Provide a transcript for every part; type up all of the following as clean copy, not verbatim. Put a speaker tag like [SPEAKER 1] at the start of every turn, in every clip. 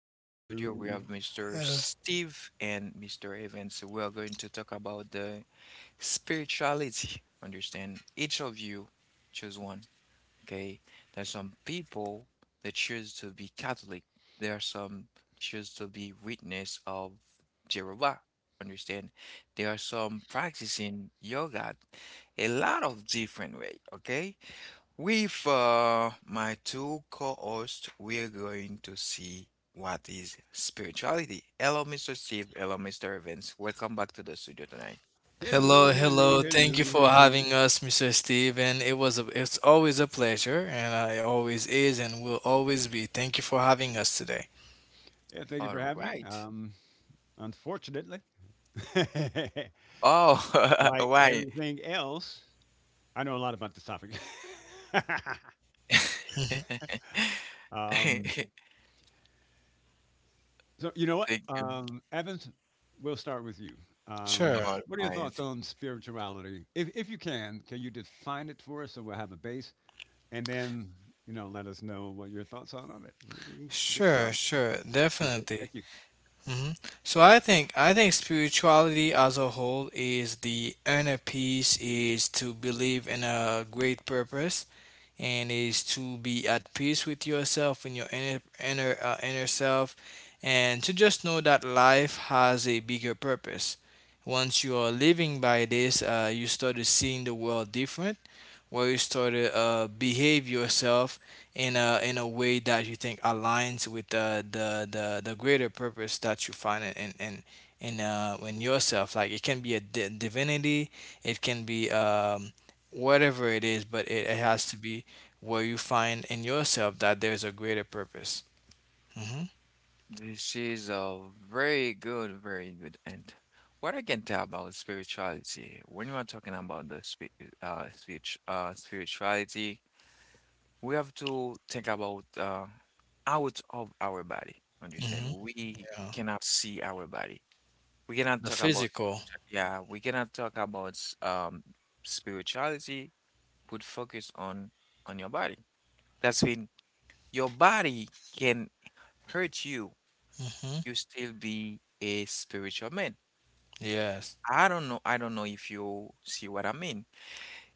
[SPEAKER 1] On the studio, we
[SPEAKER 2] Hello.
[SPEAKER 1] have Mr. Steve and Mr. Evans. We are going to talk about the spirituality. Understand? Each of you choose one. Okay? There's some people that choose to be Catholic. There are some choose to be witness of Jehovah. Understand? There are some practicing yoga. A lot of different way. Okay? With my two co-hosts, we're going to see what is spirituality. Hello, Mr. Steve. Hello, Mr. Evans. Welcome back to the studio tonight.
[SPEAKER 2] Hello,
[SPEAKER 3] Hello,
[SPEAKER 2] hello,
[SPEAKER 3] hello. Thank you
[SPEAKER 2] hello,
[SPEAKER 3] for
[SPEAKER 2] hello.
[SPEAKER 3] having us, Mr. Steve. And it's always a pleasure, and I always is, and will always be. Thank you for having us today.
[SPEAKER 2] Yeah, thank you for
[SPEAKER 1] All
[SPEAKER 2] having me.
[SPEAKER 1] right.
[SPEAKER 2] Unfortunately, like
[SPEAKER 1] Oh, why?
[SPEAKER 2] everything else, I know a lot about this topic.
[SPEAKER 3] Mhm.
[SPEAKER 2] um,
[SPEAKER 1] Thank
[SPEAKER 2] so, you know what?
[SPEAKER 1] you.
[SPEAKER 2] Evans, we'll start with you.
[SPEAKER 3] Sure,
[SPEAKER 1] All
[SPEAKER 2] What are your thoughts
[SPEAKER 1] right.
[SPEAKER 2] on spirituality? If you can you define it for us so we'll have a base? And then, you know, let us know what your thoughts are on it. We can get
[SPEAKER 3] sure,
[SPEAKER 2] started.
[SPEAKER 3] sure.
[SPEAKER 2] Appreciate it.
[SPEAKER 3] Definitely.
[SPEAKER 2] Thank you.
[SPEAKER 3] Hmm. So I think spirituality as a whole is the inner peace, is to believe in a great purpose and is to be at peace with yourself and your inner self, and to just know that life has a bigger purpose. Once you are living by this, you started seeing the world different, where you started behave yourself in a way that you think aligns with the greater purpose that you find in yourself. Like it can be a divinity, it can be whatever it is, but it has to be where you find in yourself that there's a greater purpose. Hmm.
[SPEAKER 1] This is a very good, very good. And what I can tell about spirituality, when you are talking about the spirituality, we have to think about out of our body. Understand?
[SPEAKER 3] Hmm.
[SPEAKER 1] We
[SPEAKER 3] Yeah.
[SPEAKER 1] cannot see our body. We cannot
[SPEAKER 3] The
[SPEAKER 1] talk about,
[SPEAKER 3] physical.
[SPEAKER 1] yeah, we cannot talk about um spirituality. Put focus on your body. That's when your body can hurt you.
[SPEAKER 3] Hmm.
[SPEAKER 1] You still be a spiritual man.
[SPEAKER 3] Yes.
[SPEAKER 1] I don't know. I don't know if you see what I mean.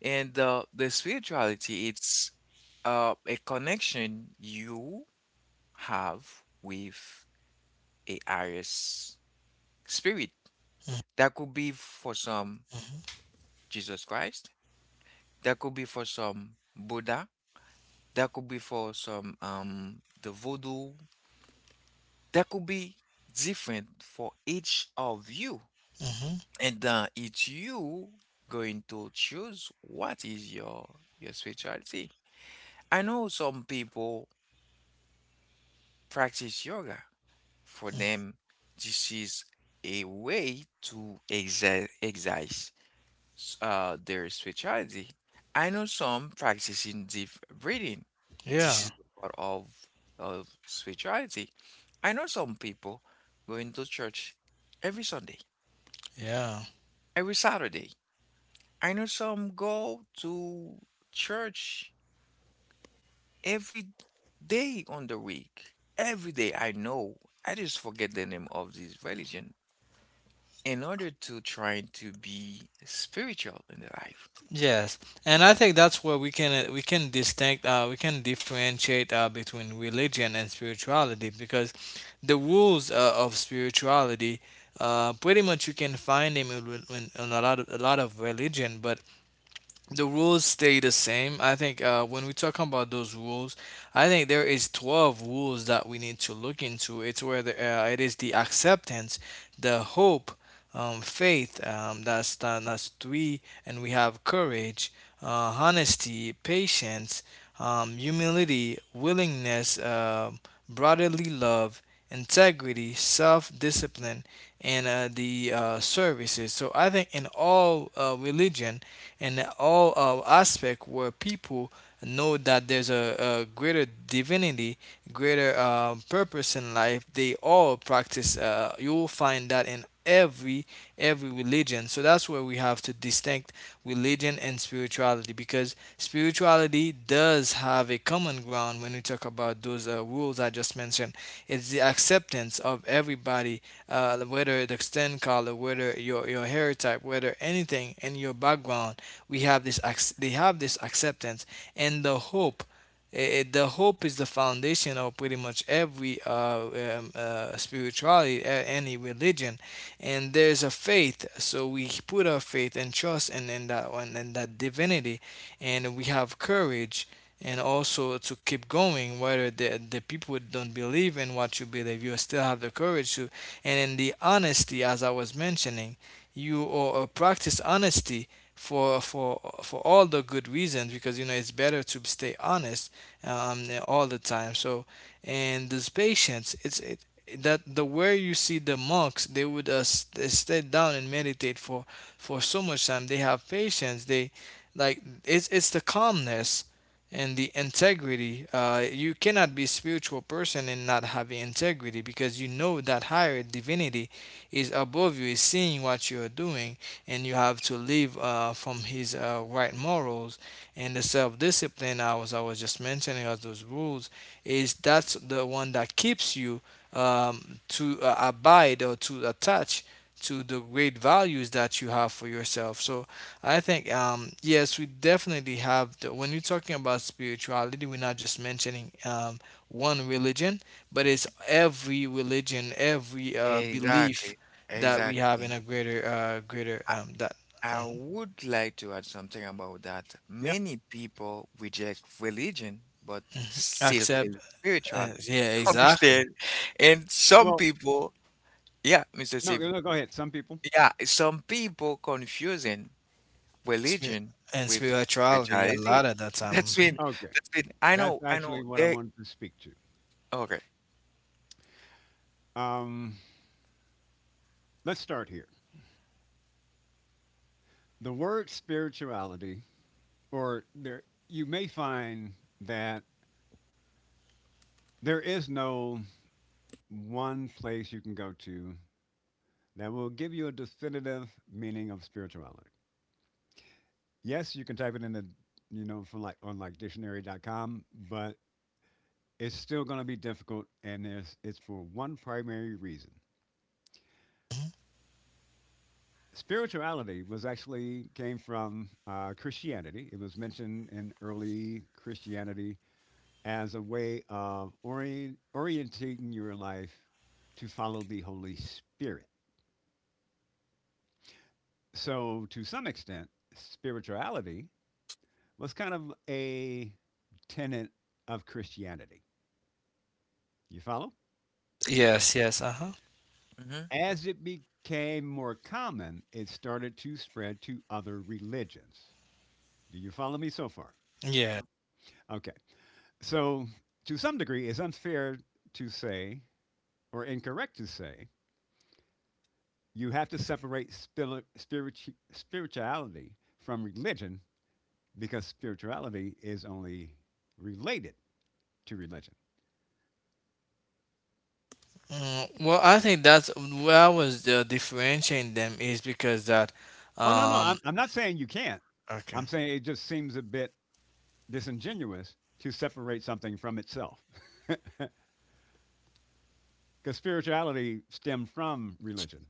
[SPEAKER 1] And the spirituality, it's a connection you have with a Aries spirit.
[SPEAKER 3] Hmm.
[SPEAKER 1] That could be for some Jesus Christ. That could be for some Buddha. That could be for some the voodoo. That could be different for each of you.
[SPEAKER 3] Hmm.
[SPEAKER 1] And it's you going to choose what is your spirituality. I know some people practice yoga. For them, this is a way to exercise their specialty. I know some practicing deep breathing. This
[SPEAKER 3] Yeah.
[SPEAKER 1] is a part of spirituality. I know some people going to church every Sunday,
[SPEAKER 3] Yeah.
[SPEAKER 1] every Saturday. I know some go to church every day on the week. Every day I know. I just forget the name of this religion in order to try to be spiritual in their life.
[SPEAKER 3] Yes, and I think that's where we can distinct we can differentiate between religion and spirituality because the rules of spirituality, pretty much you can find them in a lot of religion, but the rules stay the same. I think when we talk about those rules, I think there is 12 rules that we need to look into. It's where it is the acceptance, the hope, faith, that's three, and we have courage, honesty, patience, humility, willingness, brotherly love, integrity, self discipline, and the services. So I think in all religion and all aspect where people know that there's a greater divinity, greater purpose in life, they all practice. You will find that in every religion. So that's where we have to distinct religion and spirituality, because spirituality does have a common ground when we talk about those rules I just mentioned. It's the acceptance of everybody, whether it's skin color, whether your hair type, whether anything in your background. We have this ac- They have this acceptance and the hope. The hope is the foundation of pretty much every spirituality, any religion, and there's a faith. So we put our faith and trust in that one, in that divinity, and we have courage, and also to keep going. Whether the people don't believe in what you believe, you still have the courage to. And in the honesty, as I was mentioning, you or practice honesty for all the good reasons, because you know it's better to stay honest all the time. So, and these patients, it's that the where you see the monks, they would they stay down and meditate for so much time. They have patience. They like it's the calmness and the integrity. You cannot be a spiritual person and not having integrity, because you know that higher divinity is above you, is seeing what you are doing, and you have to live from His right morals. And the self-discipline I was just mentioning as those rules, is that's the one that keeps you to abide or to attach to the great values that you have for yourself. So I think yes, we definitely have. When you're talking about spirituality, we're not just mentioning one religion, but it's every religion, every belief
[SPEAKER 1] Exactly.
[SPEAKER 3] that we have in
[SPEAKER 1] Exactly.
[SPEAKER 3] a greater, greater that
[SPEAKER 1] I
[SPEAKER 3] um,
[SPEAKER 1] would like to add something about that.
[SPEAKER 2] Yeah.
[SPEAKER 1] Many people reject religion but still
[SPEAKER 3] accept.
[SPEAKER 1] feel spiritual.
[SPEAKER 3] Yeah,
[SPEAKER 1] Understand?
[SPEAKER 3] exactly.
[SPEAKER 1] And some
[SPEAKER 2] Well,
[SPEAKER 1] people, yeah, Mr.
[SPEAKER 2] no,
[SPEAKER 1] Steve,
[SPEAKER 2] no, go ahead. Some people.
[SPEAKER 1] yeah, some people confusing
[SPEAKER 3] Spir-
[SPEAKER 1] religion
[SPEAKER 3] and
[SPEAKER 1] with
[SPEAKER 3] spirituality a lot
[SPEAKER 1] spirituality.
[SPEAKER 3] at that
[SPEAKER 1] That's
[SPEAKER 3] time. Mhm.
[SPEAKER 1] been,
[SPEAKER 2] Okay,
[SPEAKER 1] that's been, I know,
[SPEAKER 2] that's
[SPEAKER 1] I know,
[SPEAKER 2] actually what I wanted to speak to.
[SPEAKER 1] okay.
[SPEAKER 2] Um, let's start here. The word spirituality, or there, you may find that there is no one place you can go to that will give you a definitive meaning of spirituality. Yes, you can type it in the, you know, from like on like dictionary.com, but it's still going to be difficult, and there's, it's for one primary reason. Spirituality was actually came from Christianity. It was mentioned in early Christianity as a way of orienting your life to follow the Holy Spirit. So, to some extent, spirituality was kind of a tenet of Christianity. You follow?
[SPEAKER 3] Yes, yes, uh huh.
[SPEAKER 1] Mm-hmm.
[SPEAKER 2] As it became more common, it started to spread to other religions. Do you follow me so far?
[SPEAKER 3] Yeah.
[SPEAKER 2] Okay. So, to some degree, it's unfair to say, or incorrect to say, you have to separate spirituality from religion because spirituality is only related to religion.
[SPEAKER 3] Mm, well, I think that's where I was differentiating them, is because that,
[SPEAKER 2] Oh, no, no,
[SPEAKER 3] um,
[SPEAKER 2] I'm not saying you can't.
[SPEAKER 3] okay.
[SPEAKER 2] I'm saying it just seems a bit disingenuous to separate something from itself because spirituality stemmed from religion.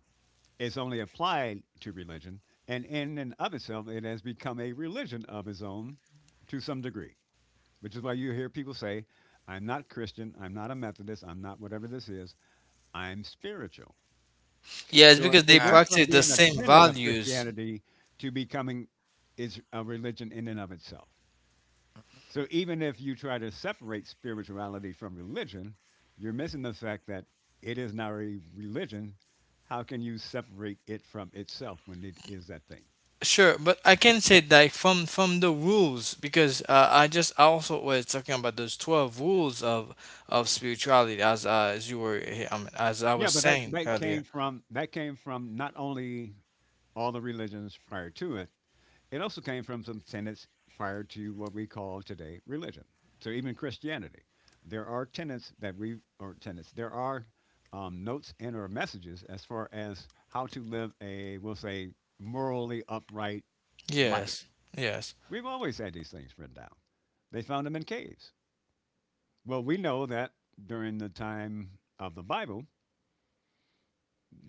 [SPEAKER 2] Is only applied to religion, and in and of itself, it has become a religion of its own to some degree, which is why you hear people say, I'm not Christian, I'm not a Methodist, I'm not whatever this is, I'm spiritual.
[SPEAKER 3] Yeah, it's
[SPEAKER 2] So
[SPEAKER 3] because they
[SPEAKER 2] it
[SPEAKER 1] Uh,
[SPEAKER 2] went from
[SPEAKER 3] practice the
[SPEAKER 2] being a
[SPEAKER 3] same
[SPEAKER 2] tenet of
[SPEAKER 3] values.
[SPEAKER 2] Christianity to becoming is a religion in and of itself.
[SPEAKER 1] mm-hmm,
[SPEAKER 2] So even if you try to separate spirituality from religion, you're missing the fact that it is not a religion. How can you separate it from itself when it is that thing?
[SPEAKER 3] Sure, but I can say that from the rules, because I also was talking about those 12 rules of spirituality, as you were I mean, as I
[SPEAKER 2] Yeah,
[SPEAKER 3] was
[SPEAKER 2] but that,
[SPEAKER 3] saying
[SPEAKER 2] that came
[SPEAKER 3] earlier.
[SPEAKER 2] from that came from not only all the religions prior to it, it also came from some tenets prior to what we call today religion. So even Christianity, there are tenets that we or tenets. There are notes and or messages as far as how to live a, we'll say, morally upright life.
[SPEAKER 3] Yes, yes.
[SPEAKER 2] We've always had these things written down. They found them in caves. Well, we know that during the time of the Bible,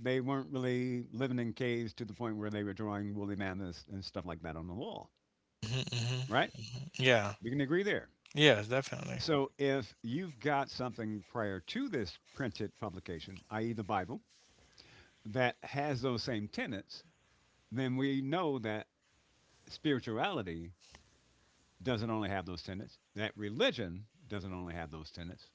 [SPEAKER 2] they weren't really living in caves to the point where they were drawing woolly mammoths and stuff like that on the wall,
[SPEAKER 3] Mm-hmm. Hmm.
[SPEAKER 2] right?
[SPEAKER 3] Yeah.
[SPEAKER 2] We can agree there.
[SPEAKER 3] Yes, definitely.
[SPEAKER 2] So if you've got something prior to this printed publication, i.e., the Bible, that has those same tenets, then we know that spirituality doesn't only have those tenets, that religion doesn't only have those tenets.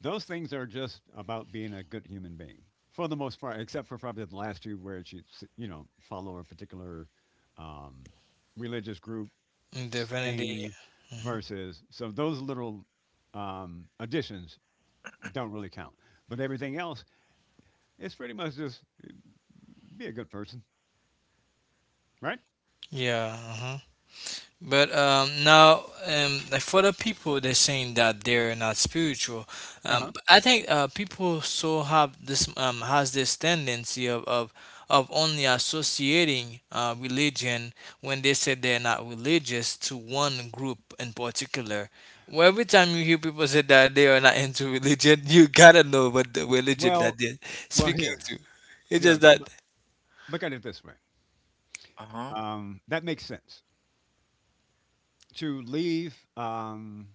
[SPEAKER 2] Those things are just about being a good human being for the most part, except for probably the last two where you know, follow a particular um, religious group
[SPEAKER 3] Definitely.
[SPEAKER 2] thing
[SPEAKER 3] Mhm.
[SPEAKER 2] versus. So those little additions don't really count. But everything else, it's pretty much just be a good person, right?
[SPEAKER 3] Yeah. uh But now, like for the people, they're saying that they're not spiritual.
[SPEAKER 2] Uh huh.
[SPEAKER 3] But I think people so have this has this tendency of of only associating religion when they say they're not religious to one group in particular. Well, every time you hear people say that they are not into religion, you gotta know what the religion that
[SPEAKER 2] Well,
[SPEAKER 3] they're
[SPEAKER 2] well,
[SPEAKER 3] speaking
[SPEAKER 2] here,
[SPEAKER 3] to. It's
[SPEAKER 2] here,
[SPEAKER 3] just
[SPEAKER 2] loo- look at it this way.
[SPEAKER 1] uh-huh,
[SPEAKER 2] That makes sense to leave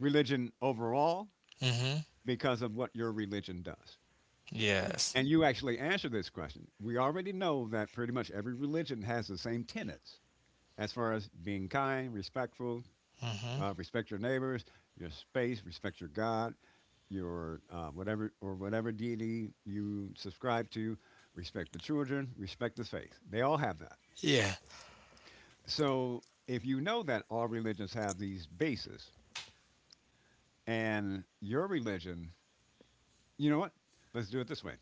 [SPEAKER 2] religion overall
[SPEAKER 3] that.
[SPEAKER 2] because of what your religion does.
[SPEAKER 3] Yes.
[SPEAKER 2] And you actually answer this question. We already know that pretty much every religion has the same tenets as far as being kind, respectful,
[SPEAKER 3] Mm-hmm.
[SPEAKER 2] respect your neighbors, your space, respect your God, your whatever or whatever deity you subscribe to, respect the children, respect the faith. They all have that.
[SPEAKER 3] Yeah.
[SPEAKER 2] So if you know that all religions have these bases, and your religion, you know what? Let's do it this way.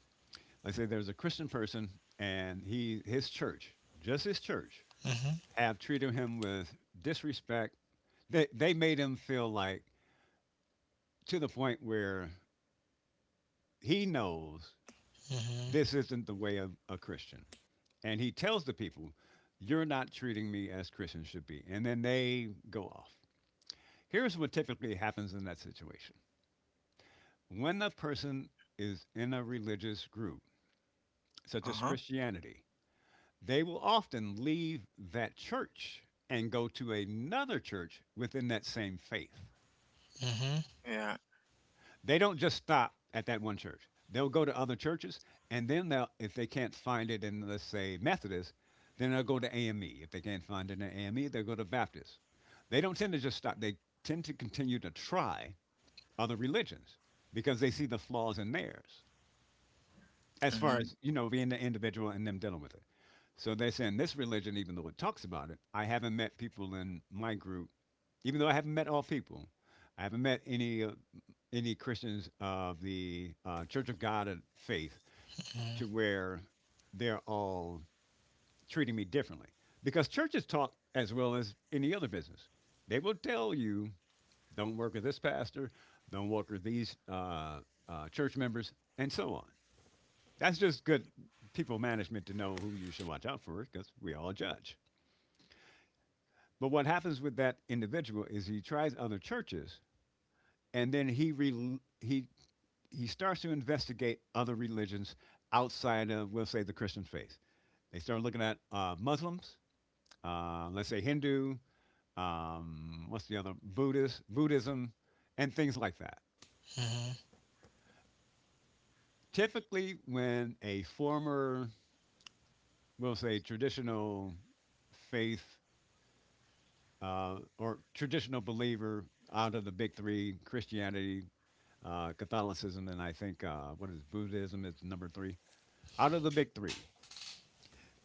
[SPEAKER 2] Let's say there's a Christian person, and he his church, just his church,
[SPEAKER 3] Mm-hmm.
[SPEAKER 2] have treated him with disrespect. They made him feel like to the point where he knows
[SPEAKER 3] Mm-hmm.
[SPEAKER 2] this isn't the way of a Christian. And he tells the people, you're not treating me as Christians should be. And then they go off. Here's what typically happens in that situation when a person is in a religious group, such as
[SPEAKER 1] uh-huh,
[SPEAKER 2] Christianity, they will often leave that church and go to another church within that same faith.
[SPEAKER 3] Mm-hmm.
[SPEAKER 1] yeah,
[SPEAKER 2] They don't just stop at that one church. They'll go to other churches, and then they'll, if they can't find it in, let's say, Methodist, then they'll go to AME. If they can't find it in AME, they'll go to Baptist. They don't tend to just stop. They tend to continue to try other religions because they see the flaws in theirs as far
[SPEAKER 1] mm-hmm,
[SPEAKER 2] as, you know, being the individual and them dealing with it. So they're saying this religion, even though it talks about it, I haven't met people in my group, even though I haven't met all people, I haven't met any Christians of the Church of God and Faith to where they're all treating me differently. Because churches talk as well as any other business. They will tell you, don't work with this pastor, don't work with these church members, and so on. That's just good people management to know who you should watch out for because we all judge. But what happens with that individual is he tries other churches and then he re- he starts to investigate other religions outside of, we'll say, the Christian faith. They start looking at Muslims, let's say Hindu, what's the other, Buddhist, Buddhism, and things like that.
[SPEAKER 3] Mm-hmm.
[SPEAKER 2] Typically, when a former, we'll say, traditional faith or traditional believer out of the big three, Christianity, Catholicism, and I think, what is Buddhism is number three. Out of the big three,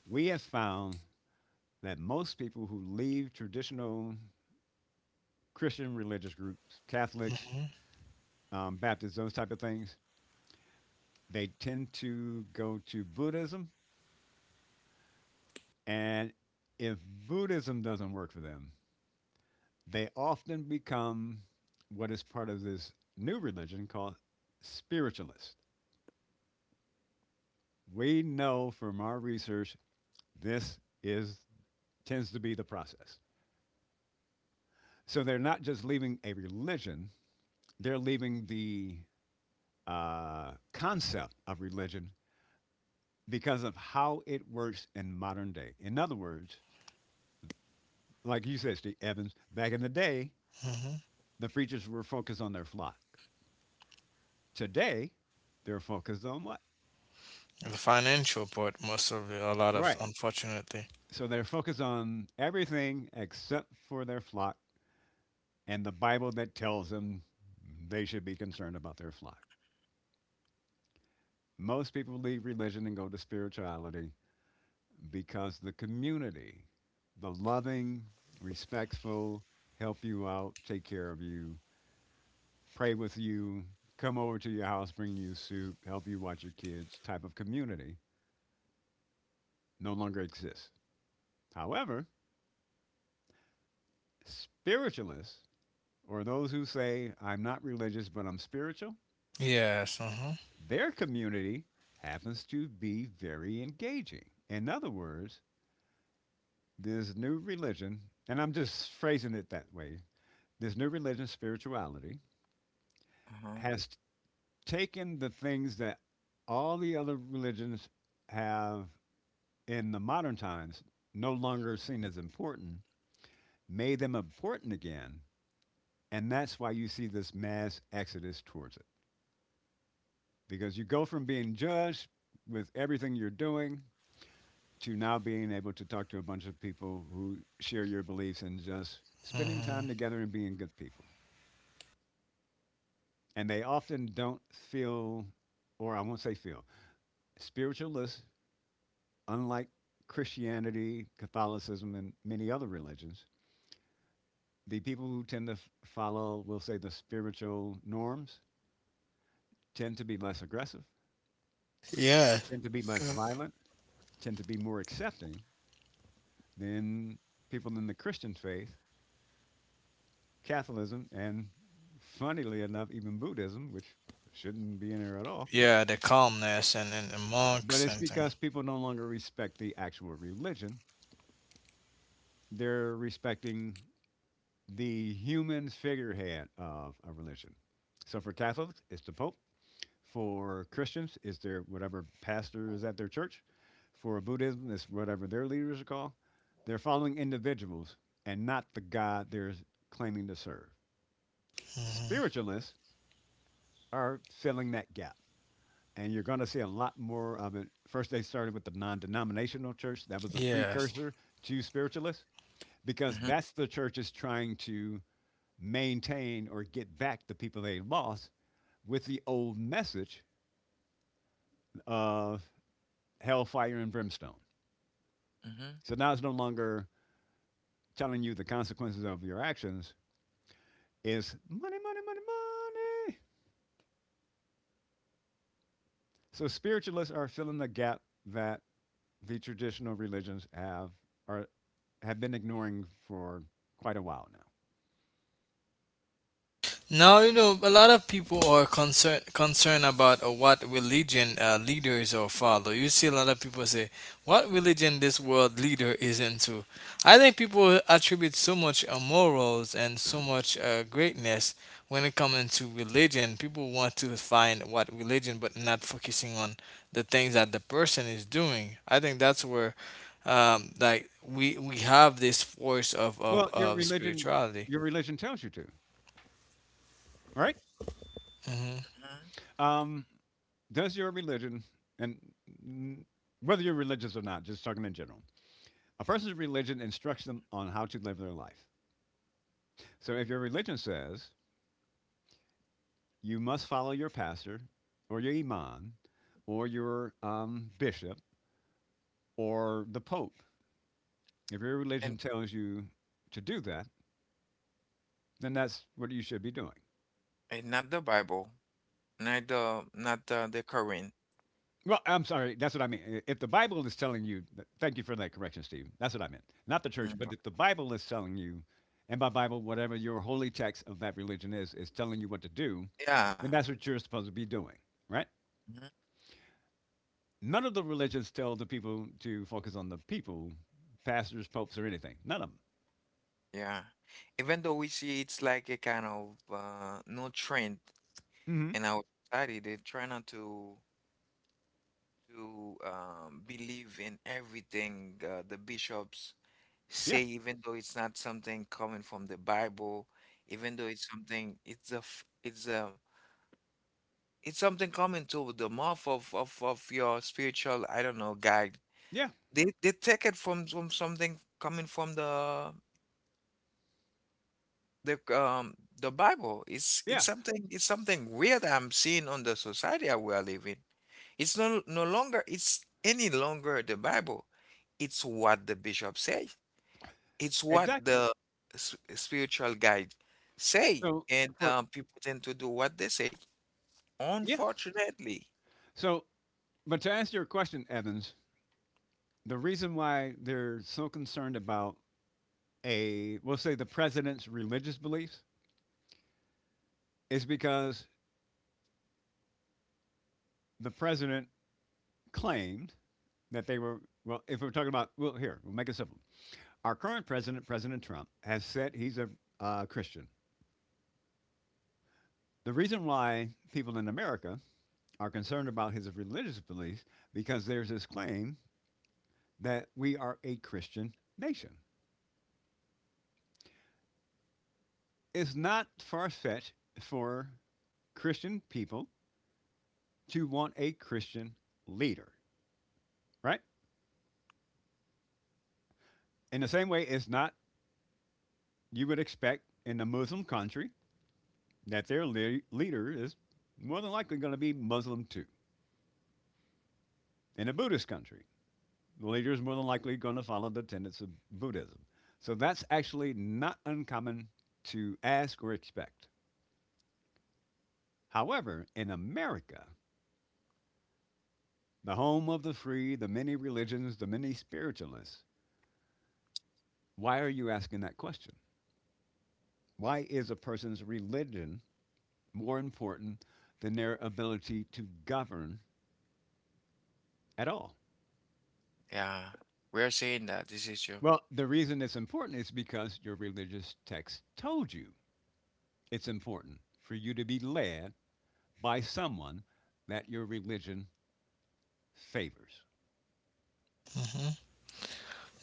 [SPEAKER 2] we have found that most people who leave traditional Christian religious groups, Catholics,
[SPEAKER 3] Mm-hmm.
[SPEAKER 2] Baptists, those type of things, they tend to go to Buddhism. And if Buddhism doesn't work for them, they often become what is part of this new religion called spiritualist. We know from our research this is tends to be the process. So they're not just leaving a religion; they're leaving the concept of religion because of how it works in modern day. In other words, like you said, Steve Evans, back in the day,
[SPEAKER 3] Mm-hmm.
[SPEAKER 2] the preachers were focused on their flock. Today, they're focused on what?
[SPEAKER 3] The financial part, most of it, a lot of,
[SPEAKER 2] Right.
[SPEAKER 3] unfortunately.
[SPEAKER 2] So they're focused on everything except for their flock and the Bible that tells them they should be concerned about their flock. Most people leave religion and go to spirituality because the community, the loving, respectful, help you out, take care of you, pray with you, come over to your house, bring you soup, help you watch your kids type of community no longer exists. However, spiritualists, or those who say, I'm not religious but I'm spiritual,
[SPEAKER 3] Yes. Mm-hmm.
[SPEAKER 2] their community happens to be very engaging. In other words, this new religion, and I'm just phrasing it that way, this new religion, spirituality,
[SPEAKER 1] uh-huh,
[SPEAKER 2] has taken the things that all the other religions have in the modern times, no longer seen as important, made them important again. And that's why you see this mass exodus towards it. Because you go from being judged with everything you're doing to now being able to talk to a bunch of people who share your beliefs and just spending time
[SPEAKER 3] Mm-hmm.
[SPEAKER 2] together and being good people. And they often don't feel, or I won't say feel, spiritualists, unlike Christianity, Catholicism, and many other religions, the people who tend to follow, we'll say, the spiritual norms tend to be less aggressive,
[SPEAKER 3] Yeah.
[SPEAKER 2] tend to be less violent, tend to be more accepting than people in the Christian faith, Catholicism, and funnily enough, even Buddhism, which shouldn't be in there at all.
[SPEAKER 3] Yeah, the calmness and the
[SPEAKER 2] But
[SPEAKER 3] monks
[SPEAKER 2] it's
[SPEAKER 3] and things.
[SPEAKER 2] because people no longer respect the actual religion, they're respecting the human figurehead of a religion. So for Catholics, it's the Pope. For Christians, it's their whatever pastor is at their church. For Buddhism, it's whatever their leaders are called. They're following individuals and not the God they're claiming to serve.
[SPEAKER 3] Mm-hmm.
[SPEAKER 2] Spiritualists are filling that gap. And you're going to see a lot more of it. First, they started with the non denominational church. That was a
[SPEAKER 3] Yes.
[SPEAKER 2] precursor to spiritualists because
[SPEAKER 1] mm-hmm,
[SPEAKER 2] that's the church is trying to maintain or get back the people they lost with the old message of hellfire and brimstone.
[SPEAKER 1] mm-hmm,
[SPEAKER 2] So now it's no longer telling you the consequences of your actions. It's money, money, money, money. So spiritualists are filling the gap that the traditional religions are have been ignoring for quite a while now.
[SPEAKER 3] Now, a lot of people are concerned about what religion leaders are follow. You see a lot of people say, what religion this world leader is into. I think people attribute so much morals and so much greatness when it comes into religion. People want to find what religion, but not focusing on the things that the person is doing. I think that's where, like, we have this force of, of,
[SPEAKER 2] Well,
[SPEAKER 3] of spirituality.
[SPEAKER 2] your religion tells you to, right?
[SPEAKER 3] Hmm.
[SPEAKER 1] mm-hmm.
[SPEAKER 2] Um, does your religion, and mm, whether you're religious or not, just talking in general, a person's religion instructs them on how to live their life. So if your religion says you must follow your pastor or your imam or your bishop or the pope, if your
[SPEAKER 1] And,
[SPEAKER 2] religion tells you to do that, then that's what you should be doing.
[SPEAKER 1] and not the Bible. Not the current.
[SPEAKER 2] Well, I'm sorry, that's what I mean. If the Bible is telling you, thank you for that correction, Steve. That's what I meant. Not the church,
[SPEAKER 1] Mm,
[SPEAKER 2] but if the Bible is telling you, and by Bible, whatever your holy text of that religion is telling you what to do,
[SPEAKER 1] yeah.
[SPEAKER 2] then that's what you're supposed to be doing, right?
[SPEAKER 1] Mhm,
[SPEAKER 2] None of the religions tell the people to focus on the people, pastors, popes, or anything. None of them.
[SPEAKER 1] yeah. Even though we see it's like a kind of no trend
[SPEAKER 2] Mhm.
[SPEAKER 1] in our society, they try not to believe in everything the bishops
[SPEAKER 2] Yeah.
[SPEAKER 1] say, even though it's not something coming from the Bible, even though it's something it's a f- it's a it's something coming to the mouth of your spiritual, I don't know, guide.
[SPEAKER 2] Yeah.
[SPEAKER 1] They take it from something coming from the um the Bible. It's
[SPEAKER 2] Yeah.
[SPEAKER 1] it's something weird I'm seeing on the society that we are living. It's no longer it's any longer the Bible. It's what the bishop says. It's what
[SPEAKER 2] Exactly.
[SPEAKER 1] the spiritual guide say,
[SPEAKER 2] So
[SPEAKER 1] and
[SPEAKER 2] for
[SPEAKER 1] people tend to do what they say.
[SPEAKER 2] Yeah.
[SPEAKER 1] Unfortunately,
[SPEAKER 2] So but to answer your question, Evans, the reason why they're so concerned about a, we'll say, the president's religious beliefs is because the president claimed that they were, well, if we're talking about, well, here, we'll make it simple. Our current president, President Trump, has said he's a Christian. The reason why people in America are concerned about his religious beliefs, because there's this claim that we are a Christian nation. It's not far fetched for Christian people to want a Christian leader, right? In the same way, it's not, you would expect in a Muslim country that their leader is more than likely going to be Muslim too. In a Buddhist country, the leader is more than likely going to follow the tenets of Buddhism. So that's actually not uncommon to ask or expect. However, in America, the home of the free, the many religions, the many spiritualists. Why are you asking that question? Why is a person's religion more important than their ability to govern at all?
[SPEAKER 1] yeah, we are saying that this is true.
[SPEAKER 2] Well, the reason it's important is because your religious text told you it's important for you to be led by someone that your religion favors.
[SPEAKER 3] Hmm.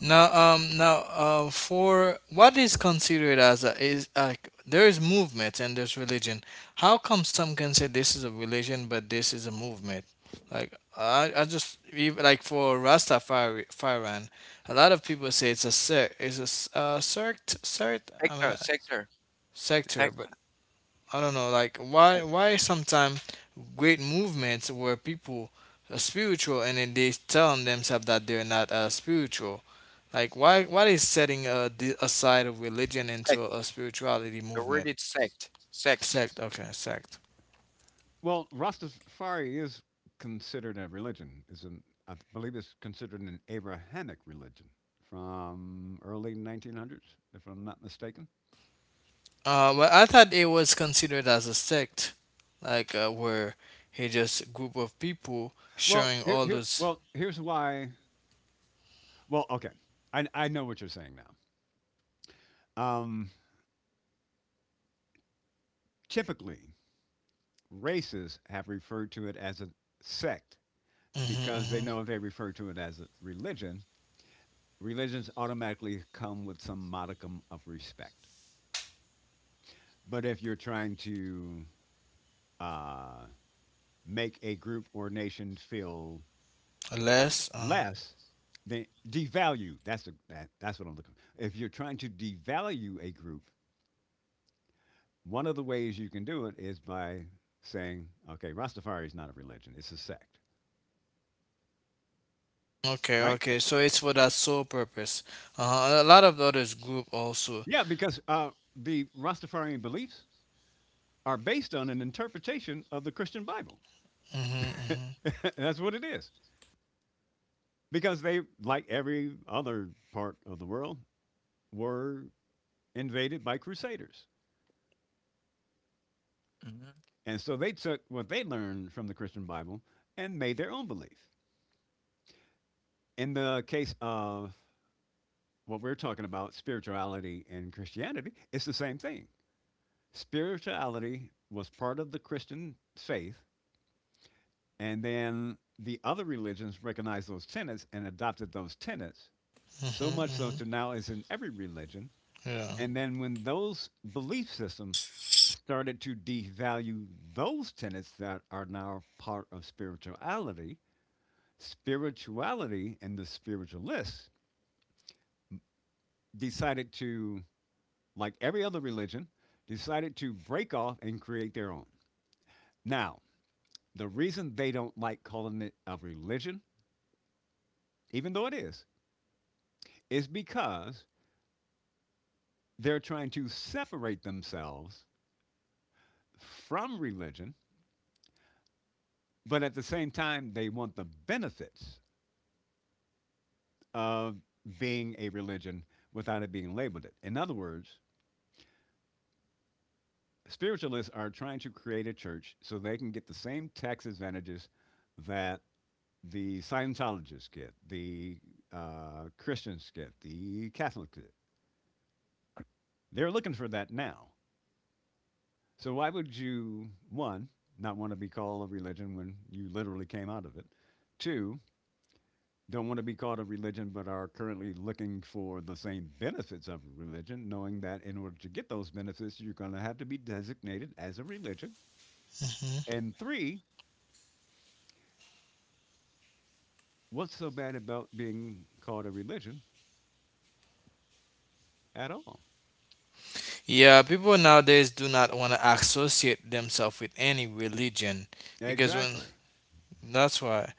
[SPEAKER 3] Now, for what is considered as a, is like, there's movement and there's religion. How come some can say this is a religion, but this is a movement? Like I like for Rastafarian, a lot of people say it's a sect, sect. I mean,
[SPEAKER 1] Sector, sector, it's
[SPEAKER 3] sector,
[SPEAKER 1] like
[SPEAKER 3] but I don't know, like why
[SPEAKER 1] uh,
[SPEAKER 3] sometimes great movements where people are spiritual and then they tell themselves that they're not spiritual. Like why is setting a side of religion
[SPEAKER 1] sect.
[SPEAKER 3] into a spirituality
[SPEAKER 1] The word
[SPEAKER 3] movement?
[SPEAKER 1] is sect, sect.
[SPEAKER 3] Sect, okay, sect.
[SPEAKER 2] Well, Rastafari is considered a religion. Is an I believe it's considered an Abrahamic religion from early 1900s, if I'm not mistaken.
[SPEAKER 3] Well, I thought it was considered as a sect, like where he just group of people
[SPEAKER 2] Well,
[SPEAKER 3] sharing
[SPEAKER 2] here,
[SPEAKER 3] all
[SPEAKER 2] here
[SPEAKER 3] those.
[SPEAKER 2] well, here's why. Well, okay, I know what you're saying now. Um, typically, races have referred to it as a sect
[SPEAKER 3] Mm-hmm,
[SPEAKER 2] because they
[SPEAKER 3] mm-hmm.
[SPEAKER 2] know if they refer to it as a religion, religions automatically come with some modicum of respect. But if you're trying to uh, make a group or nation feel
[SPEAKER 3] Less. Uh-huh.
[SPEAKER 2] less than, devalue. That's that's what I'm looking for. If you're trying to devalue a group, one of the ways you can do it is by saying, "Okay, Rastafari is not a religion; it's a sect."
[SPEAKER 3] Okay,
[SPEAKER 2] Right?
[SPEAKER 3] okay. So it's for that sole purpose. A lot of others group also.
[SPEAKER 2] Yeah, because the Rastafarian beliefs are based on an interpretation of the Christian Bible.
[SPEAKER 3] Hmm. Hmm.
[SPEAKER 2] That's what it is. Because they, like every other part of the world, were invaded by crusaders.
[SPEAKER 1] Hmm.
[SPEAKER 2] And so they took what they learned from the Christian Bible and made their own belief. In the case of what we're talking about, spirituality and Christianity, it's the same thing. Spirituality was part of the Christian faith, and then the other religions recognized those tenets and adopted those tenets, so
[SPEAKER 3] Hmm.
[SPEAKER 2] much so
[SPEAKER 3] Hmm.
[SPEAKER 2] to now is in every religion.
[SPEAKER 3] Yeah.
[SPEAKER 2] And then when those belief systems started to devalue those tenets that are now part of spirituality, spirituality and the spiritualists decided to, like every other religion, decided to break off and create their own. Now, the reason they don't like calling it a religion, even though it is because they're trying to separate themselves from religion, but at the same time, they want the benefits of being a religion without it being labeled it. In other words, spiritualists are trying to create a church so they can get the same tax advantages that the Scientologists get, the Christians get, the Catholics get. They're looking for that now. So why would you, one, not want to be called a religion when you literally came out of it? Two, don't want to be called a religion but are currently looking for the same benefits of a religion, knowing that in order to get those benefits, you're going to have to be designated as a religion.
[SPEAKER 3] Hmm.
[SPEAKER 2] And three, what's so bad about being called a religion at all?
[SPEAKER 3] Yeah, people nowadays do not want to associate themselves with any religion, because when.
[SPEAKER 2] Exactly.
[SPEAKER 3] That's why.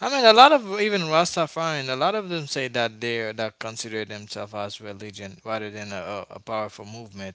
[SPEAKER 3] I mean, a lot of even Rastafarian, a lot of them say that they're, that consider themselves as religion rather than a powerful movement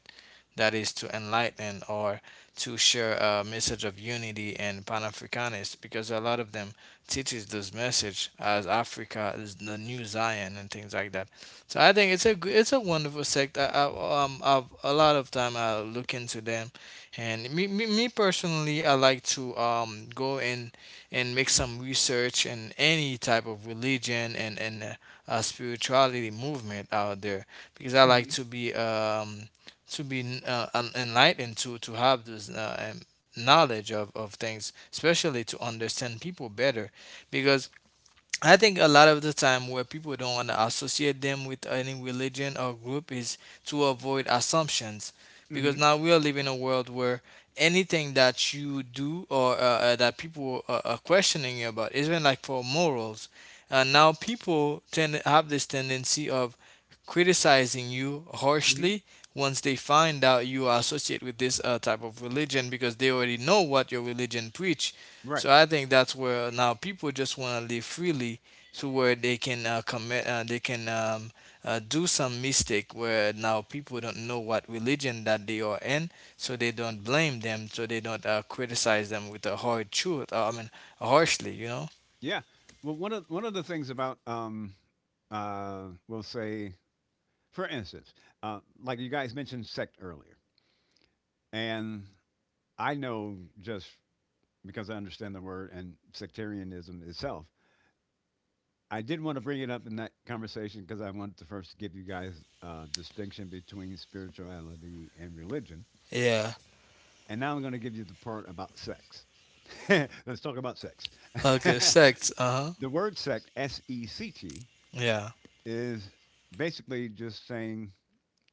[SPEAKER 3] that is to enlighten, or to share a message of unity and Pan Africanist, because a lot of them teaches this message as Africa is the new Zion and things like that. So I think it's a wonderful sect. I've a lot of time I look into them, and me personally, I like to go in and make some research in any type of religion and spirituality movement out there, because I like
[SPEAKER 2] Hmm.
[SPEAKER 3] to be enlightened, to have this knowledge of things, especially to understand people better. Because I think a lot of the time where people don't want to associate them with any religion or group is to avoid assumptions, because
[SPEAKER 2] Hmm.
[SPEAKER 3] now we are living in a world where anything that you do or that people are questioning you about, even like for morals, now people tend have this tendency of criticizing you
[SPEAKER 2] Hmm.
[SPEAKER 3] harshly once they find out you are associated with this type of religion, because they already know what your religion preach.
[SPEAKER 2] Right.
[SPEAKER 3] So I think that's where now people just want to live freely, to where they can do some mistake. Where now people don't know what religion that they are in, so they don't blame them, so they don't criticize them with a hard truth. I mean, harshly.
[SPEAKER 2] Yeah. Well, one of the things about we'll say, for instance, like you guys mentioned sect earlier, and I know just because I understand the word and sectarianism itself. I did want to bring it up in that conversation because I wanted to first give you guys distinction between spirituality and religion.
[SPEAKER 3] Yeah.
[SPEAKER 2] And now I'm going to give you the part about sex. Let's talk about sex.
[SPEAKER 3] Okay. Sects. Uh huh.
[SPEAKER 2] The word sect, S E C T,
[SPEAKER 3] Yeah.
[SPEAKER 2] is basically just saying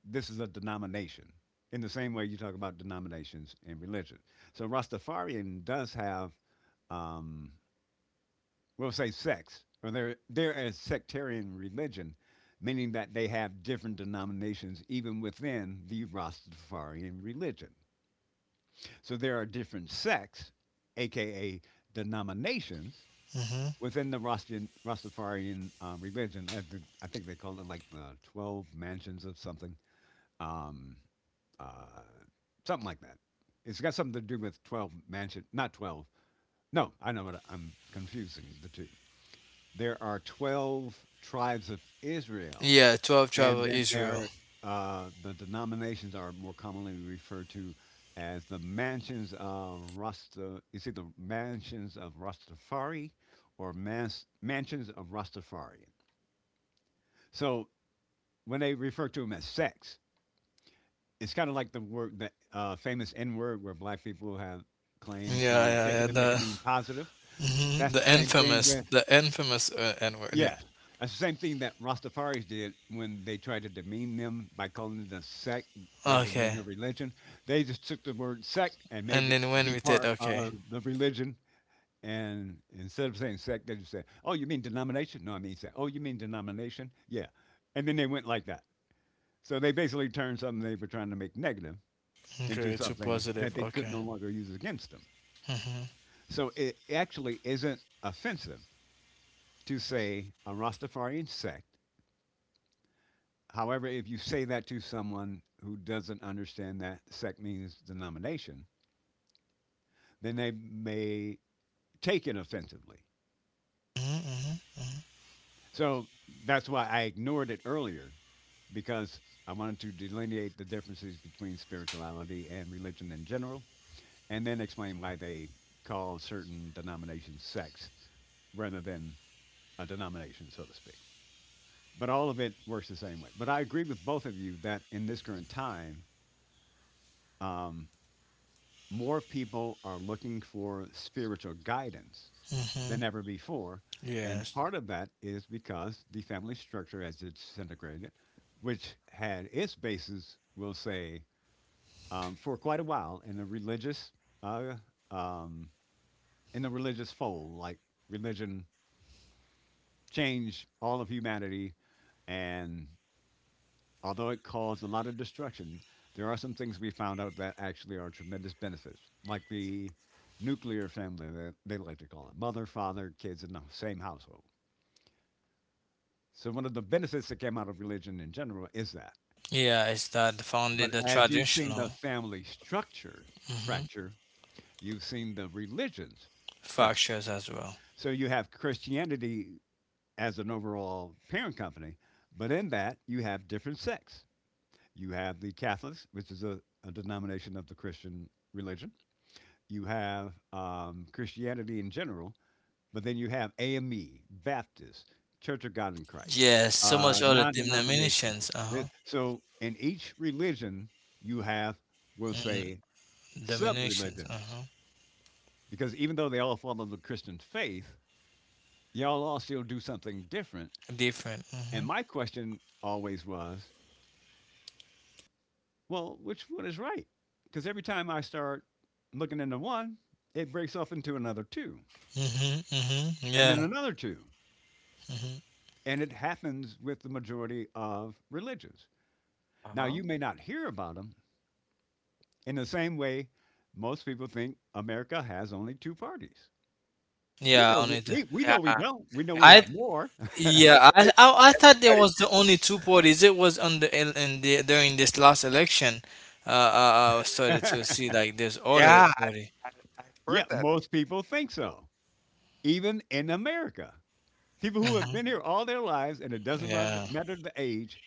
[SPEAKER 2] this is a denomination in the same way you talk about denominations in religion. So Rastafarian does have, um, we'll say, sex, or they're a sectarian religion, meaning that they have different denominations even within the Rastafarian religion. So there are different sects, aka denominations,
[SPEAKER 3] Mm-hmm.
[SPEAKER 2] within the Rastafarian religion. I think they call it like the 12 mansions of something, um, uh, something like that. It's got something to do with 12 mansion, not 12. No, I know what I'm confusing the two. There are 12 tribes of Israel,
[SPEAKER 3] Yeah. 12 tribe
[SPEAKER 2] and
[SPEAKER 3] of
[SPEAKER 2] then
[SPEAKER 3] Israel.
[SPEAKER 2] there, the denominations are more commonly referred to as the mansions of Rasta. You see, the mansions of Rastafari, or mansions of Rastafarian. So when they refer to them as sects, it's kind of like the word, the famous N word, where black people have claimed
[SPEAKER 3] Yeah,
[SPEAKER 2] to
[SPEAKER 3] yeah,
[SPEAKER 2] take it
[SPEAKER 3] yeah.
[SPEAKER 2] and
[SPEAKER 3] The
[SPEAKER 2] make it mean positive.
[SPEAKER 3] mhm,
[SPEAKER 2] That's
[SPEAKER 3] the
[SPEAKER 2] the same thing
[SPEAKER 3] infamous,
[SPEAKER 2] with.
[SPEAKER 3] the infamous N word. Yeah.
[SPEAKER 2] Yes. That's the same thing that Rastafaris did when they tried to demean them by calling it a sect rather than
[SPEAKER 3] Okay.
[SPEAKER 2] a religion. They just took the word sect and made
[SPEAKER 3] And
[SPEAKER 2] it
[SPEAKER 3] then when
[SPEAKER 2] be
[SPEAKER 3] we did,
[SPEAKER 2] part of
[SPEAKER 3] okay.
[SPEAKER 2] the religion. And instead of saying sect, they just said, "Oh, you mean denomination?" "No, I mean sect." "Oh, you mean denomination?" "Yeah." And then they went like that. So they basically turned something they were trying to make negative into
[SPEAKER 3] Okay, too
[SPEAKER 2] something that
[SPEAKER 3] positive.
[SPEAKER 2] they could no
[SPEAKER 3] Okay.
[SPEAKER 2] longer use against them.
[SPEAKER 3] Mhm.
[SPEAKER 2] So it actually isn't offensive to say a Rastafarian sect. However, if you say that to someone who doesn't understand that sect means denomination, then they may take it offensively.
[SPEAKER 3] Mhm. Mhm. Mhm.
[SPEAKER 2] So that's why I ignored it earlier, because I wanted to delineate the differences between spirituality and religion in general and then explain why they call certain denominations sects rather than a denomination, so to speak. But all of it works the same way. But I agree with both of you that in this current time, um, more people are looking for spiritual guidance
[SPEAKER 3] Mhm.
[SPEAKER 2] than ever before. And
[SPEAKER 3] Yes.
[SPEAKER 2] part of that is because the family structure has disintegrated, which had its basis, we'll say, for quite a while in uh, um, the religious fold. Like, religion changed all of humanity, and although it caused a lot of destruction, there are some things we found out that actually are tremendous benefits, like the nuclear family that they like to call it, mother, father, kids in the same household. So, one of the benefits that came out of religion in general is that.
[SPEAKER 3] Yeah, it's that founded
[SPEAKER 2] But
[SPEAKER 3] the
[SPEAKER 2] as you've seen the
[SPEAKER 3] traditional
[SPEAKER 2] family structure
[SPEAKER 3] mhm,
[SPEAKER 2] fracture, you've seen the religions fracture.
[SPEAKER 3] factors as well.
[SPEAKER 2] So, you have Christianity as an overall parent company, but in that, you have different sects. You have the Catholics, which is a denomination of the Christian religion. You have Christianity in general, but then you have AME, Baptist, Church of God in Christ,
[SPEAKER 3] Yes, so much other
[SPEAKER 2] non denominational.
[SPEAKER 3] denominations. Uh huh.
[SPEAKER 2] So in each religion, you have, we'll
[SPEAKER 3] Mm.
[SPEAKER 2] say, sub
[SPEAKER 3] Denominations. Uh
[SPEAKER 2] religions,
[SPEAKER 3] huh.
[SPEAKER 2] because even though they all follow the Christian faith, y'all all still do something different.
[SPEAKER 3] Different.
[SPEAKER 2] And
[SPEAKER 3] Mhm.
[SPEAKER 2] my question always was, well, which one is right? Because every time I start looking into one, it breaks off into another two,
[SPEAKER 3] Mhm. Mhm.
[SPEAKER 2] and
[SPEAKER 3] Yeah.
[SPEAKER 2] then another two.
[SPEAKER 3] Mhm.
[SPEAKER 2] And it happens with the majority of religions. Now,
[SPEAKER 1] Uh-huh.
[SPEAKER 2] you may not hear about them in the same way most people think America has only two parties. We
[SPEAKER 3] Yeah.
[SPEAKER 2] know we,
[SPEAKER 3] Only the
[SPEAKER 2] we, we
[SPEAKER 1] Yeah.
[SPEAKER 2] know we don't. We know we
[SPEAKER 3] I.
[SPEAKER 1] Everybody,
[SPEAKER 2] have more.
[SPEAKER 3] Yeah. I thought there
[SPEAKER 1] everybody,
[SPEAKER 3] was the only two parties. It was on the in the during this last election. I started to see like this other
[SPEAKER 1] yeah,
[SPEAKER 3] party.
[SPEAKER 1] I I've
[SPEAKER 2] Yeah,
[SPEAKER 1] heard that,
[SPEAKER 2] most people think so, even in America. People who have
[SPEAKER 3] Mm-hmm.
[SPEAKER 2] been here all their lives, and it doesn't matter
[SPEAKER 3] Yeah.
[SPEAKER 2] matter the age.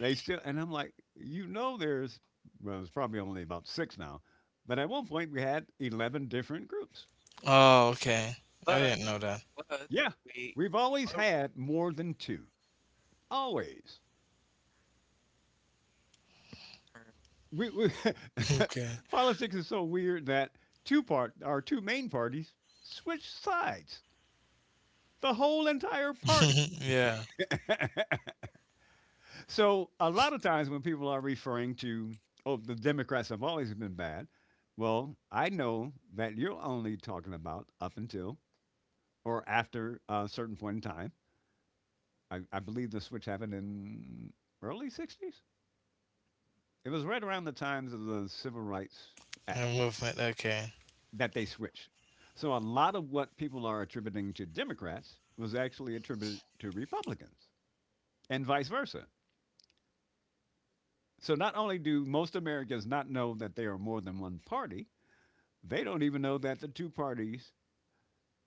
[SPEAKER 2] They still, and I'm like, there's, well, there's probably only about six now, but at one point we had 11 different groups.
[SPEAKER 3] Oh, okay. I
[SPEAKER 1] but
[SPEAKER 3] didn't know that.
[SPEAKER 1] but
[SPEAKER 2] Yeah.
[SPEAKER 1] we
[SPEAKER 2] We've
[SPEAKER 1] we
[SPEAKER 2] always
[SPEAKER 1] all
[SPEAKER 2] had more than two. Always.
[SPEAKER 1] er,
[SPEAKER 2] We
[SPEAKER 3] Okay.
[SPEAKER 2] Politics is so weird that our two main parties switch sides. The whole entire party.
[SPEAKER 3] Yeah.
[SPEAKER 2] So a lot of times when people are referring to, oh, the Democrats have always been bad, well, I know that you're only talking about up until or after a certain point in time. I believe the switch happened in early 60s. It was right around the times of the Civil Rights
[SPEAKER 3] A
[SPEAKER 2] Act
[SPEAKER 3] movement. Okay.
[SPEAKER 2] that they switched. So a lot of what people are attributing to Democrats was actually attributed to Republicans and vice versa. So not only do most Americans not know that they are more than one party, they don't even know that the two parties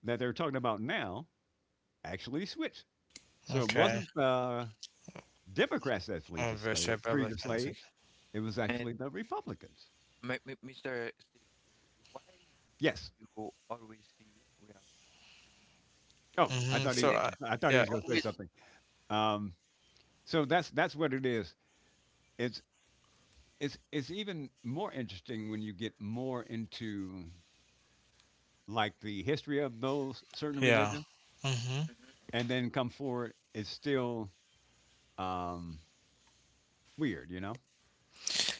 [SPEAKER 2] that they're talking about now actually switched. So it
[SPEAKER 3] Okay.
[SPEAKER 2] wasn't Democrats that
[SPEAKER 3] Oh, versus
[SPEAKER 2] freed the
[SPEAKER 3] Republicans.
[SPEAKER 2] slaves. It was
[SPEAKER 1] and
[SPEAKER 2] actually the Republicans.
[SPEAKER 1] mi mi Mr. Steve, why do
[SPEAKER 2] Yes.
[SPEAKER 1] you always see we have two-party
[SPEAKER 2] Oh, I
[SPEAKER 3] Mm-hmm.
[SPEAKER 2] thought
[SPEAKER 3] So,
[SPEAKER 2] he,
[SPEAKER 1] election?
[SPEAKER 2] I thought he
[SPEAKER 3] yeah.
[SPEAKER 2] was going to say
[SPEAKER 1] Always.
[SPEAKER 2] something. Um, so that's what it is. It's it's even more interesting when you get more into like the history of those certain
[SPEAKER 3] Yeah.
[SPEAKER 2] religions,
[SPEAKER 3] Mm-hmm.
[SPEAKER 1] Mhm.
[SPEAKER 2] and then come forward. It's still um, weird, you know.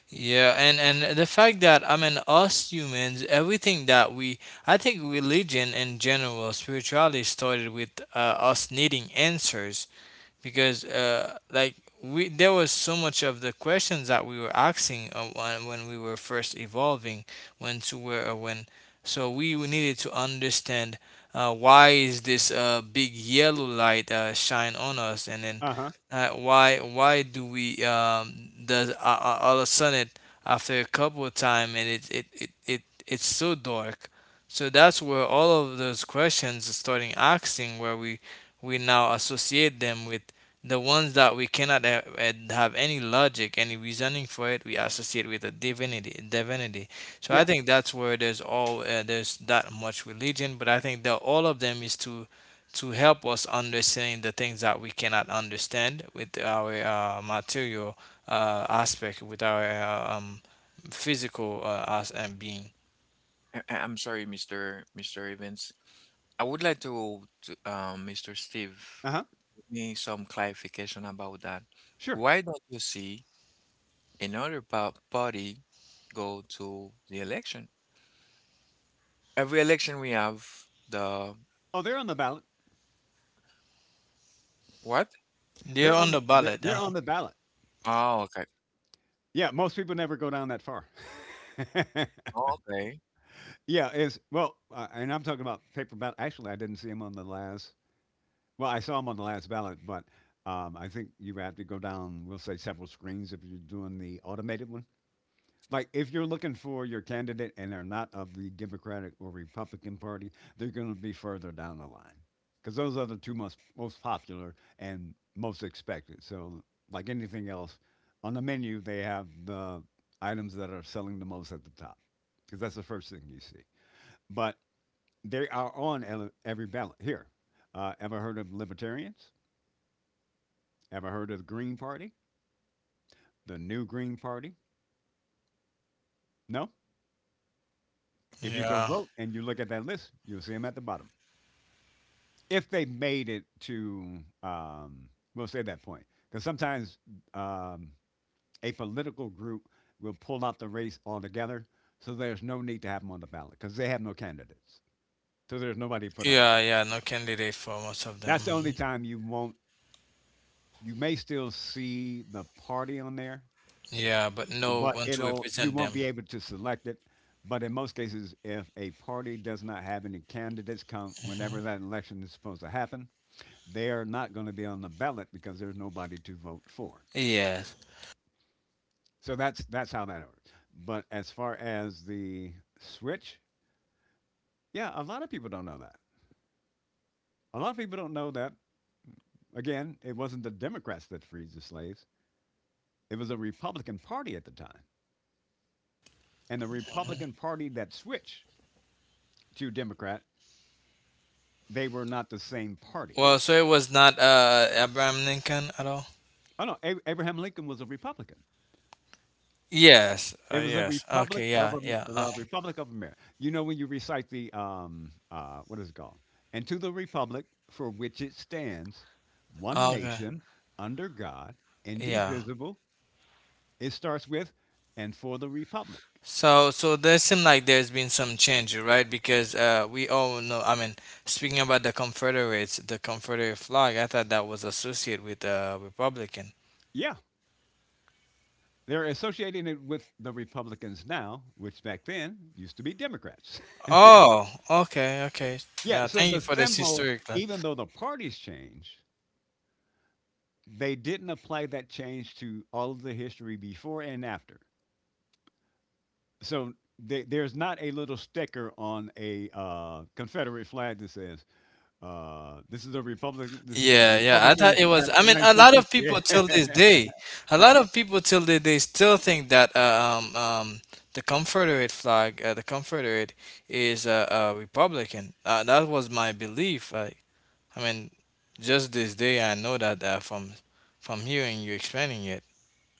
[SPEAKER 3] Yeah, and the fact that I mean us humans, everything that we, I think religion in general, spirituality started with us needing answers because like we there was so much of the questions that we were asking when we were first evolving, when to where or when, so we needed to understand why is this big yellow light shine on us, and then
[SPEAKER 2] Uh huh.
[SPEAKER 3] why do we does all of a sudden it, after a couple of time and it's so dark. So that's where all of those questions starting asking where we now associate them with the ones that we cannot have any logic, any reasoning for it, we associate with a divinity. Divinity. So I
[SPEAKER 2] Yeah.
[SPEAKER 3] think that's where there's all there's that much religion, but I think that all of them is to help us understand the things that we cannot understand with our material aspect, with our physical as and being.
[SPEAKER 1] I'm sorry, Mr. Evans. I would like to, Mr. Steve,
[SPEAKER 2] Uh huh.
[SPEAKER 1] give me some clarification about that.
[SPEAKER 2] Sure.
[SPEAKER 1] Why don't you see another pa party go to the election? Every election we have the
[SPEAKER 2] Oh, they're on the ballot.
[SPEAKER 1] what?
[SPEAKER 3] They're
[SPEAKER 2] They're
[SPEAKER 3] on
[SPEAKER 2] on.
[SPEAKER 3] the
[SPEAKER 2] The,
[SPEAKER 3] ballot.
[SPEAKER 2] they're on the ballot.
[SPEAKER 1] Oh, okay.
[SPEAKER 2] Yeah. Most people never go down that far.
[SPEAKER 1] Oh, okay.
[SPEAKER 2] Yeah, and I'm talking about paper ballot. Actually, I didn't see him on the last. Well, I saw him on the last ballot, but I think you have to go down. We'll say several screens if you're doing the automated one. Like if you're looking for your candidate and they're not of the Democratic or Republican Party, they're going to be further down the line because those are the two most popular and most expected. So, like anything else, on the menu they have the items that are selling the most at the top because that's the first thing you see. But they are on every ballot here. Ever heard of libertarians? Ever heard of the Green Party? The New Green Party? No. If you go
[SPEAKER 3] Yeah,
[SPEAKER 2] vote and you look at that list, you'll see them at the bottom. If they made it to, um, we'll say that point, because sometimes um, a political group will pull out the race altogether, so there's no need to have them on the ballot because they have no candidates, so there's nobody to put on there.
[SPEAKER 3] yeah, yeah. No candidate for most of them.
[SPEAKER 2] That's the only
[SPEAKER 3] Mhm.
[SPEAKER 2] time you won't. You may still see the party on there,
[SPEAKER 3] Yeah, but no
[SPEAKER 2] but
[SPEAKER 3] one to
[SPEAKER 2] it'll you
[SPEAKER 3] represent
[SPEAKER 2] won't be
[SPEAKER 3] them.
[SPEAKER 2] able to select it. But in most cases, if a party does not have any candidates come whenever
[SPEAKER 3] Mhm.
[SPEAKER 2] that election is supposed to happen, they are not going to be on the ballot because there's nobody to vote for.
[SPEAKER 3] Yes.
[SPEAKER 2] So that's how that works. But as far as the switch, yeah, a lot of people don't know that. A lot of people don't know that. Again, it wasn't the Democrats that freed the slaves. It was the Republican Party at the time. And the
[SPEAKER 3] Mhm.
[SPEAKER 2] Republican Party that switched to Democrat, they were not the same party.
[SPEAKER 3] Well, so it was not Abraham Lincoln at all.
[SPEAKER 2] Oh no, Abraham Lincoln was a Republican.
[SPEAKER 3] Yes.
[SPEAKER 2] It was the
[SPEAKER 3] Yes. Okay. Yeah. Yeah.
[SPEAKER 2] The Republic of America. You know when you recite the what is it called? And to the Republic for which it stands, one
[SPEAKER 3] Okay.
[SPEAKER 2] nation under God,
[SPEAKER 3] Yeah.
[SPEAKER 2] indivisible. It starts with, and for the Republic.
[SPEAKER 3] So there seem like there's been some change, right? Because we all know. I mean, speaking about the Confederates, the Confederate flag, I thought that was associated with Republican.
[SPEAKER 2] Yeah, they're associating it with the Republicans now, which back then used to be Democrats.
[SPEAKER 3] Oh. Okay. Okay.
[SPEAKER 2] yeah,
[SPEAKER 3] Yeah.
[SPEAKER 2] so
[SPEAKER 3] Thank you
[SPEAKER 2] the
[SPEAKER 3] for this
[SPEAKER 2] symbol,
[SPEAKER 3] historic.
[SPEAKER 2] even though the parties changed, they didn't apply that change to all of the history before and after. So there's not a little sticker on a Confederate flag that says, "This is a Republic. This is for the
[SPEAKER 3] Yeah, yeah. I thought
[SPEAKER 2] Republicans
[SPEAKER 3] it was. I
[SPEAKER 2] after
[SPEAKER 3] mean, a lot of people
[SPEAKER 2] 1968."
[SPEAKER 3] till this day, a lot of people till they still think that the Confederate flag, the Confederate is a Republican. That was my belief. I mean, just this day I know that from hearing you explaining it.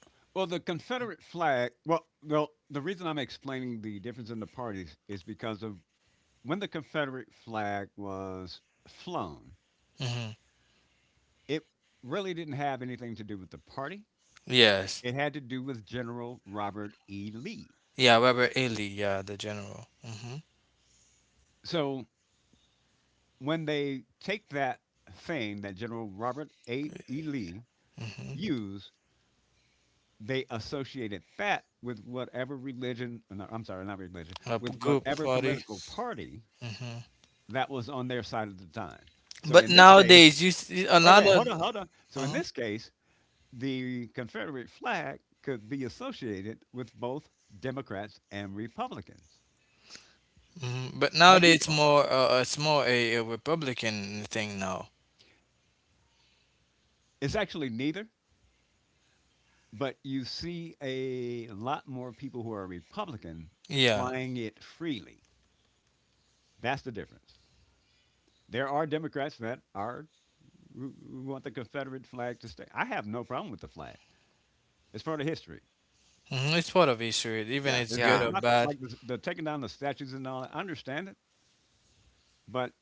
[SPEAKER 2] well, the
[SPEAKER 1] Mm,
[SPEAKER 2] Confederate flag. Well, well, the reason I'm explaining the difference in the parties is because of when the Confederate flag was flown.
[SPEAKER 3] Hmm.
[SPEAKER 2] It really didn't have anything to do with the party.
[SPEAKER 3] Yes.
[SPEAKER 2] It had to do with General Robert E. Lee.
[SPEAKER 3] Yeah, Robert Ely, yeah, the general. Mm-hmm.
[SPEAKER 2] So when they take that thing that General Robert A. E. Lee
[SPEAKER 3] Mm-hmm.
[SPEAKER 2] used, they associated that with whatever religion, no, I'm sorry, not religion, with
[SPEAKER 3] Good
[SPEAKER 2] whatever
[SPEAKER 3] party.
[SPEAKER 2] political party
[SPEAKER 3] Hmm.
[SPEAKER 2] that was on their side at the time. So
[SPEAKER 3] But
[SPEAKER 2] in this case,
[SPEAKER 3] nowadays, you see a lot of.
[SPEAKER 2] hold on, So in
[SPEAKER 3] Uh-huh.
[SPEAKER 2] this case, the Confederate flag could be associated with both Democrats and Republicans
[SPEAKER 3] Mhm. But
[SPEAKER 2] by
[SPEAKER 3] nowadays
[SPEAKER 2] default.
[SPEAKER 3] it's more a Republican thing now.
[SPEAKER 2] It's actually neither. But you see a lot more people who are Republican
[SPEAKER 3] Yeah.
[SPEAKER 2] flying it freely. That's the difference. There are Democrats that are who want the Confederate flag to stay. I have no problem with the flag. It's part of history.
[SPEAKER 3] Hmm, it's part of history, even
[SPEAKER 2] Yeah,
[SPEAKER 3] it's good
[SPEAKER 2] it's
[SPEAKER 3] or
[SPEAKER 1] yeah.
[SPEAKER 2] not that,
[SPEAKER 3] bad.
[SPEAKER 2] like the taking down the statues and all that. I understand it, but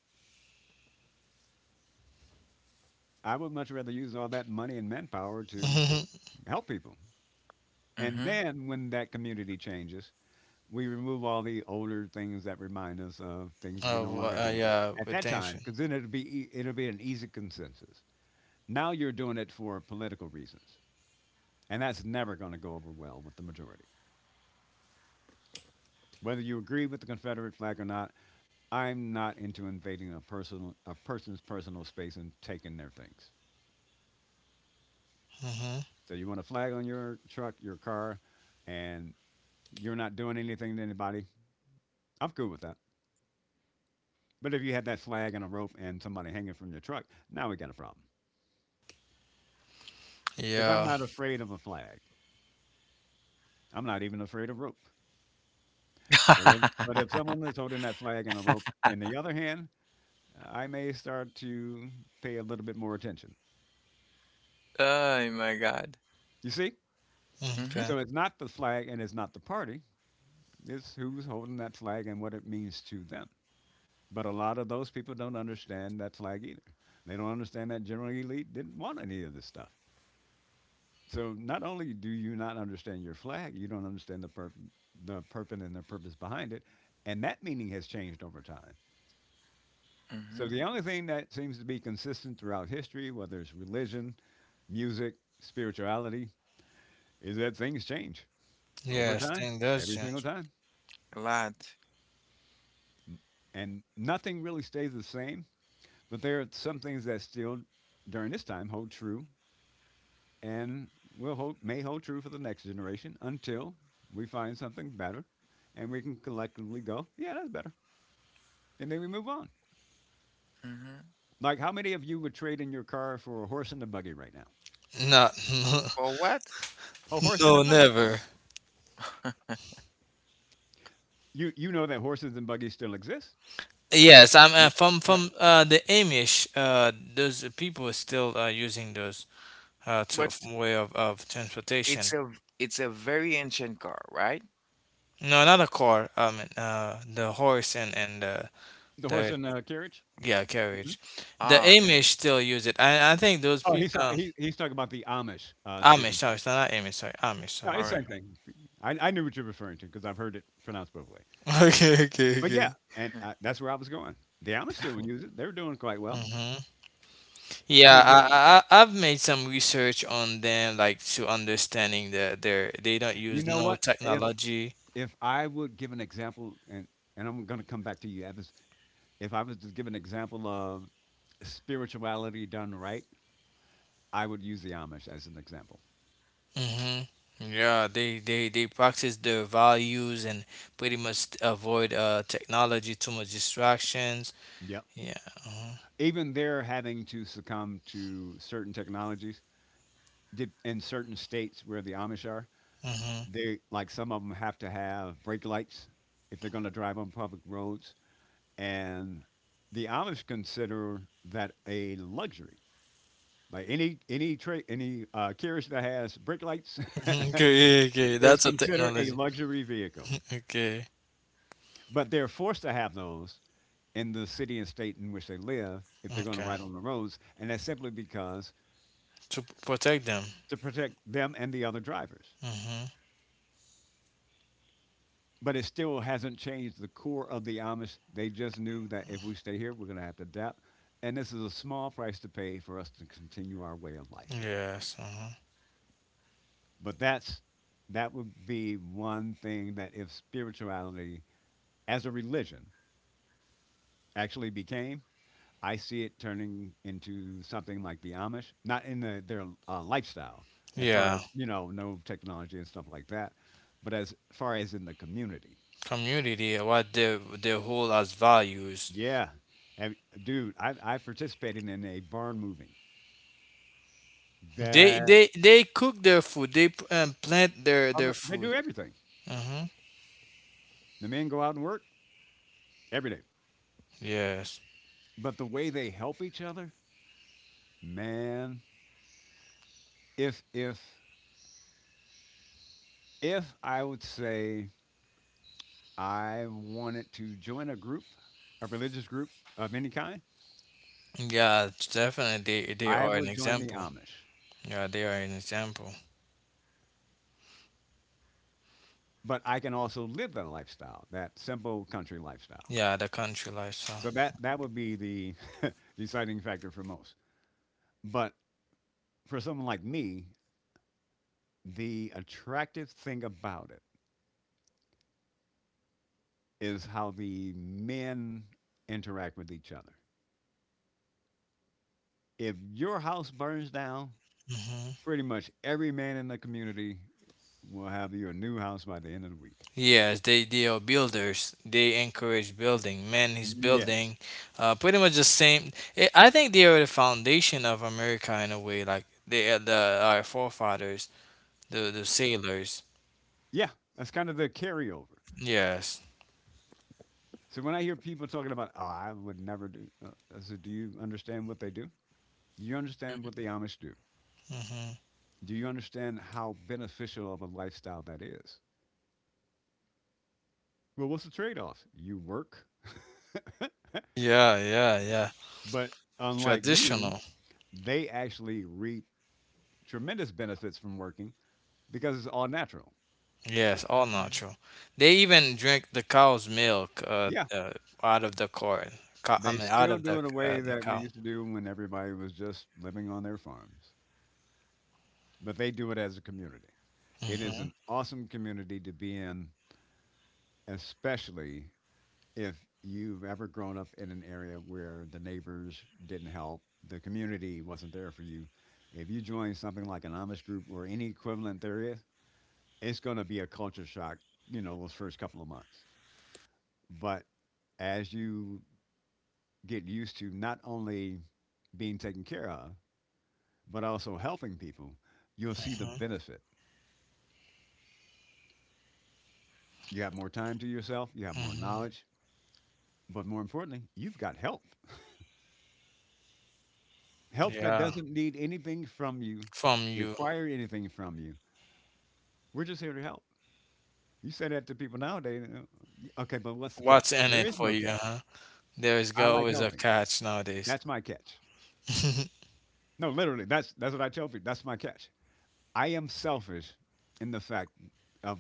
[SPEAKER 2] I would much rather use all that money and manpower to
[SPEAKER 3] Mhm.
[SPEAKER 2] help people. And
[SPEAKER 1] Mm-hmm.
[SPEAKER 2] then when that community changes, we remove all the older things that remind us of things we no longer do
[SPEAKER 3] Yeah,
[SPEAKER 2] at
[SPEAKER 3] but
[SPEAKER 2] that
[SPEAKER 3] thanks.
[SPEAKER 2] time, because then it'll be an easy consensus. Now you're doing it for political reasons, and that's never going to go over well with the majority. Whether you agree with the Confederate flag or not, I'm not into invading a person's personal space and taking their things.
[SPEAKER 3] Mm-hmm.
[SPEAKER 2] So you want a flag on your truck, your car, and you're not doing anything to anybody. I'm cool with that. But if you had that flag and a rope and somebody hanging from your truck, now we got a problem. Because I'm
[SPEAKER 3] Yeah.
[SPEAKER 2] not afraid of a flag. I'm not even afraid of rope. But if someone is holding that flag and a rope in the other hand, I may start to pay a little bit more attention.
[SPEAKER 1] Oh my God.
[SPEAKER 2] You see?
[SPEAKER 1] Mm-hmm.
[SPEAKER 3] Okay.
[SPEAKER 2] So it's not the flag and it's not the party, it's who's holding that flag and what it means to them. But a lot of those people don't understand that flag either. They don't understand that general elite didn't want any of this stuff. So not only do you not understand your flag, you don't understand the purpose and the purpose behind it. And that meaning has changed over time. So
[SPEAKER 1] Mm-hmm.
[SPEAKER 2] the only thing that seems to be consistent throughout history, whether it's religion, music, spirituality, is that things change over
[SPEAKER 3] Yes,
[SPEAKER 2] time,
[SPEAKER 3] thing does
[SPEAKER 2] every single
[SPEAKER 3] change.
[SPEAKER 2] time.
[SPEAKER 1] A lot.
[SPEAKER 2] And nothing really stays the same, but there are some things that still during this time hold true and will hold may hold true for the next generation until we find something better and we can collectively go, yeah, that's better. And then we move on.
[SPEAKER 1] Mm-hmm.
[SPEAKER 2] Like how many of you would trade in your car for a horse and a buggy right now?
[SPEAKER 3] No,
[SPEAKER 1] For what?
[SPEAKER 2] A horse and a
[SPEAKER 3] no,
[SPEAKER 2] buggy.
[SPEAKER 3] never.
[SPEAKER 2] You know that horses and buggies still exist,
[SPEAKER 3] Yes, I'm
[SPEAKER 2] Ye
[SPEAKER 3] from
[SPEAKER 2] right.
[SPEAKER 3] from the Amish. Those people are still using those
[SPEAKER 1] But
[SPEAKER 3] way of
[SPEAKER 1] it's
[SPEAKER 3] transportation.
[SPEAKER 1] a it's a very ancient car, right?
[SPEAKER 3] No, not a car. I mean, the horse and the
[SPEAKER 2] The horse
[SPEAKER 3] the
[SPEAKER 2] and carriage?
[SPEAKER 3] Yeah,
[SPEAKER 2] Mhm.
[SPEAKER 3] carriage. The
[SPEAKER 1] Oh, okay.
[SPEAKER 3] Amish still use it. I think those
[SPEAKER 2] Oh,
[SPEAKER 3] people.
[SPEAKER 2] he he's talking about the Amish,
[SPEAKER 3] Amish,
[SPEAKER 2] Stephen.
[SPEAKER 3] sorry, it's not Amish, sorry, Amish,
[SPEAKER 2] No,
[SPEAKER 3] sorry,
[SPEAKER 1] All
[SPEAKER 2] it's the
[SPEAKER 3] my
[SPEAKER 2] same
[SPEAKER 1] right.
[SPEAKER 3] bad.
[SPEAKER 2] thing. I knew what you're referring to because 'cause I've heard it pronounced both ways.
[SPEAKER 3] Okay, okay,
[SPEAKER 2] But
[SPEAKER 3] okay.
[SPEAKER 2] yeah, and,
[SPEAKER 1] Mm.
[SPEAKER 2] that's where I was going. The Amish still use it. They're doing quite well.
[SPEAKER 3] Mm-hmm.
[SPEAKER 2] I
[SPEAKER 3] Yeah,
[SPEAKER 2] mean, they
[SPEAKER 3] I've made some research on them, like to understanding that they don't
[SPEAKER 2] you
[SPEAKER 3] use
[SPEAKER 2] know
[SPEAKER 3] no
[SPEAKER 2] what?
[SPEAKER 3] technology.
[SPEAKER 2] If I would give an example, and I'm gonna come back to you, Evans. If I was to give an example of spirituality done right, I would use the Amish as an example.
[SPEAKER 3] Mm-hmm. Yeah, they practice their values and pretty much avoid technology, too much distractions.
[SPEAKER 2] Yep.
[SPEAKER 3] Yeah.
[SPEAKER 2] Even they're having to succumb to certain technologies in certain states where the Amish are.
[SPEAKER 3] Mm-hmm.
[SPEAKER 2] They like some of them have to have brake lights if they're going to drive on public roads, and the Amish consider that a luxury. Like any carriage that has brake lights
[SPEAKER 3] Okay, okay,
[SPEAKER 2] is
[SPEAKER 3] that's a
[SPEAKER 2] considered a
[SPEAKER 3] technology.
[SPEAKER 2] luxury vehicle,
[SPEAKER 3] Okay,
[SPEAKER 2] but they're forced to have those in the city and state in which they live if they're going to
[SPEAKER 3] okay.
[SPEAKER 2] ride on the roads, and that's simply because
[SPEAKER 3] Protect them.
[SPEAKER 2] to protect them and the other drivers.
[SPEAKER 3] Hmm.
[SPEAKER 2] But it still hasn't changed the core of the Amish. They just knew that if we stay here, we're going to have to adapt. And this is a small price to pay for us to continue our way of life.
[SPEAKER 3] Yes. Hmm.
[SPEAKER 2] But that would be one thing that if spirituality as a religion actually became, I see it turning into something like the Amish, not in their lifestyle, as far
[SPEAKER 3] Yeah.
[SPEAKER 2] as, you know, no technology and stuff like that, but as far as in the community.
[SPEAKER 3] Community, what they hold as values.
[SPEAKER 2] Yeah. And, dude, I participated in a barn moving.
[SPEAKER 3] They
[SPEAKER 2] That
[SPEAKER 3] they they cook their food. Plant their
[SPEAKER 2] I
[SPEAKER 3] their
[SPEAKER 2] they
[SPEAKER 3] food.
[SPEAKER 2] do everything.
[SPEAKER 3] Hmm.
[SPEAKER 2] The men go out and work every day,
[SPEAKER 3] Yes.
[SPEAKER 2] but the way they help each other, man. If if if I would say I wanted to join a group, a religious group of any kind,
[SPEAKER 3] Yeah, it's definitely, they
[SPEAKER 2] I
[SPEAKER 3] are an
[SPEAKER 2] would join the
[SPEAKER 3] example.
[SPEAKER 2] Amish.
[SPEAKER 3] Yeah, they are an example.
[SPEAKER 2] But I can also live that lifestyle, that simple country lifestyle.
[SPEAKER 3] Yeah, the country lifestyle.
[SPEAKER 2] So that would be the deciding factor for most. But for someone like me, the attractive thing about it is how the men interact with each other. If your house burns down,
[SPEAKER 3] Hmm.
[SPEAKER 2] pretty much every man in the community will have you a new house by the end of the week.
[SPEAKER 3] Yes, they are builders. They encourage building. Man is
[SPEAKER 2] Yes.
[SPEAKER 3] building. Pretty much the same. I think they are the foundation of America in a way. Like they are the our forefathers, the sailors.
[SPEAKER 2] Yeah, that's kind of the carryover.
[SPEAKER 3] Yes.
[SPEAKER 2] So when I hear people talking about, oh, I would never do, I said, do you understand what they do? Do you understand what the Amish do?
[SPEAKER 3] Hmm.
[SPEAKER 2] Do you understand how beneficial of a lifestyle that is? Well, what's the trade off? You work,
[SPEAKER 3] Yeah, yeah, yeah.
[SPEAKER 2] but unlike you,
[SPEAKER 3] Traditional.
[SPEAKER 2] they actually reap tremendous benefits from working because it's all natural.
[SPEAKER 3] Yes, all
[SPEAKER 1] Mhm,
[SPEAKER 3] natural. They even drink the cow's milk.
[SPEAKER 2] Yeah,
[SPEAKER 3] Out of the corn. Cow, I
[SPEAKER 2] they
[SPEAKER 3] mean, out
[SPEAKER 2] still
[SPEAKER 3] of
[SPEAKER 2] do it a way
[SPEAKER 3] the
[SPEAKER 2] that we
[SPEAKER 3] cow.
[SPEAKER 2] used to do when everybody was just living on their farms, but they do it as a community. It is
[SPEAKER 3] Hmm.
[SPEAKER 2] an awesome community to be in, especially if you've ever grown up in an area where the neighbors didn't help, the community wasn't there for you. If you join something like an Amish group or any equivalent there is, it's going to be a culture shock, those first couple of months. But as you get used to not only being taken care of, but also helping people, you'll see the
[SPEAKER 3] Hmm.
[SPEAKER 2] benefit. You have more time to yourself, you have more
[SPEAKER 3] Hmm.
[SPEAKER 2] knowledge, but more importantly, you've got help. Help that
[SPEAKER 3] Yeah,
[SPEAKER 2] doesn't need anything from you,
[SPEAKER 3] from you.
[SPEAKER 2] require anything from you. We're just here to help. You say that to people nowadays. "Y- Okay, but what's the catch?"
[SPEAKER 3] What's in
[SPEAKER 2] There
[SPEAKER 3] it
[SPEAKER 2] is
[SPEAKER 3] for
[SPEAKER 2] no
[SPEAKER 3] you?
[SPEAKER 2] catch.
[SPEAKER 3] Huh? There is
[SPEAKER 2] I like
[SPEAKER 3] always a
[SPEAKER 2] helping.
[SPEAKER 3] catch nowadays.
[SPEAKER 2] That's my catch. No, literally, that's what I tell people. That's my catch. I am selfish in the fact of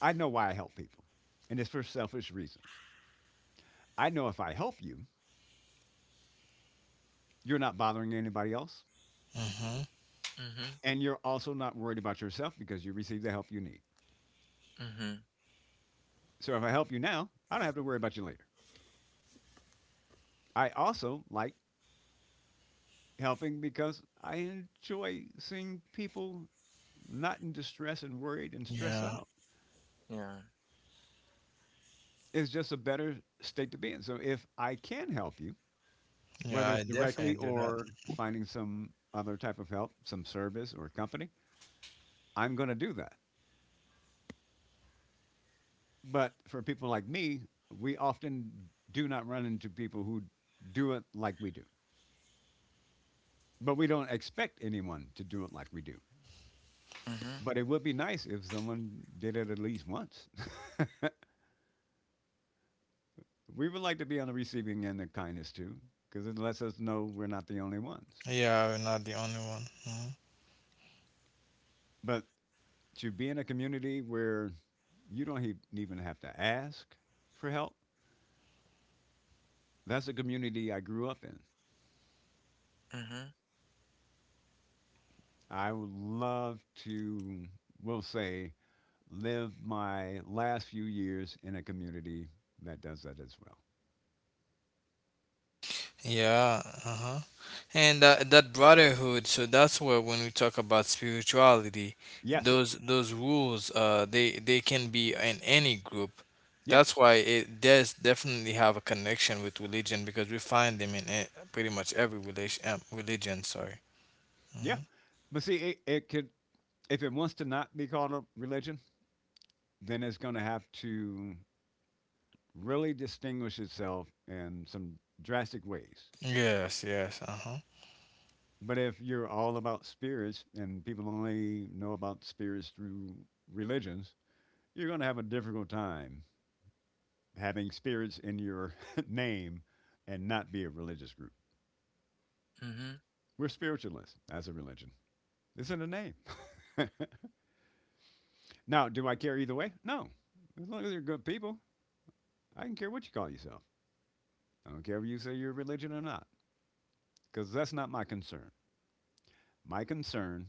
[SPEAKER 2] I know why I help people, and it's for selfish reasons. I know if I help you, you're not bothering anybody else,
[SPEAKER 3] Mm-hmm.
[SPEAKER 1] mhm,
[SPEAKER 2] and you're also not worried about yourself because you received the help you need.
[SPEAKER 1] mhm,
[SPEAKER 2] So if I help you now, I don't have to worry about you later. I also like helping because I enjoy seeing people not in distress and worried and stressed
[SPEAKER 3] Yeah.
[SPEAKER 2] out.
[SPEAKER 1] yeah.
[SPEAKER 2] It's just a better state to be in. So if I can help you, whether
[SPEAKER 3] Yeah,
[SPEAKER 2] it's
[SPEAKER 3] I
[SPEAKER 2] directly
[SPEAKER 3] definitely do that.
[SPEAKER 2] or finding some other type of help, some service or company, I'm going to do that. But for people like me, we often do not run into people who do it like we do. But we don't expect anyone to do it like we do.
[SPEAKER 1] Mhm,
[SPEAKER 2] But it would be nice if someone did it at least once. We would like to be on the receiving end of kindness too, because it lets us know we're not the only ones.
[SPEAKER 3] Yeah, we're not the only one. Hmm.
[SPEAKER 2] But to be in a community where you don't even have to ask for help, that's a community I grew up in.
[SPEAKER 1] mhm,
[SPEAKER 2] I would love to, we'll say, live my last few years in a community that does that as well.
[SPEAKER 3] Yeah. Uh-huh. And that brotherhood. So that's where when we talk about spirituality,
[SPEAKER 2] Yes.
[SPEAKER 3] those rules, they can be in any group.
[SPEAKER 2] Yeah.
[SPEAKER 3] That's why it does definitely have a connection with religion because we find them in pretty much every relation, religion. Sorry.
[SPEAKER 2] Yeah.
[SPEAKER 3] Hmm.
[SPEAKER 2] But see, it could, if it wants to not be called a religion, then it's going to have to really distinguish itself in some drastic ways.
[SPEAKER 3] Yes, yes, uh-huh.
[SPEAKER 2] But if you're all about spirits and people only know about spirits through religions, you're going to have a difficult time having spirits in your name and not be a religious group.
[SPEAKER 1] mhm,
[SPEAKER 2] We're spiritualists as a religion. It's in the name. Now, do I care either way? No. As long as you're good people, I don't care what you call yourself. I don't care if you say you're religion or not, because that's not my concern. My concern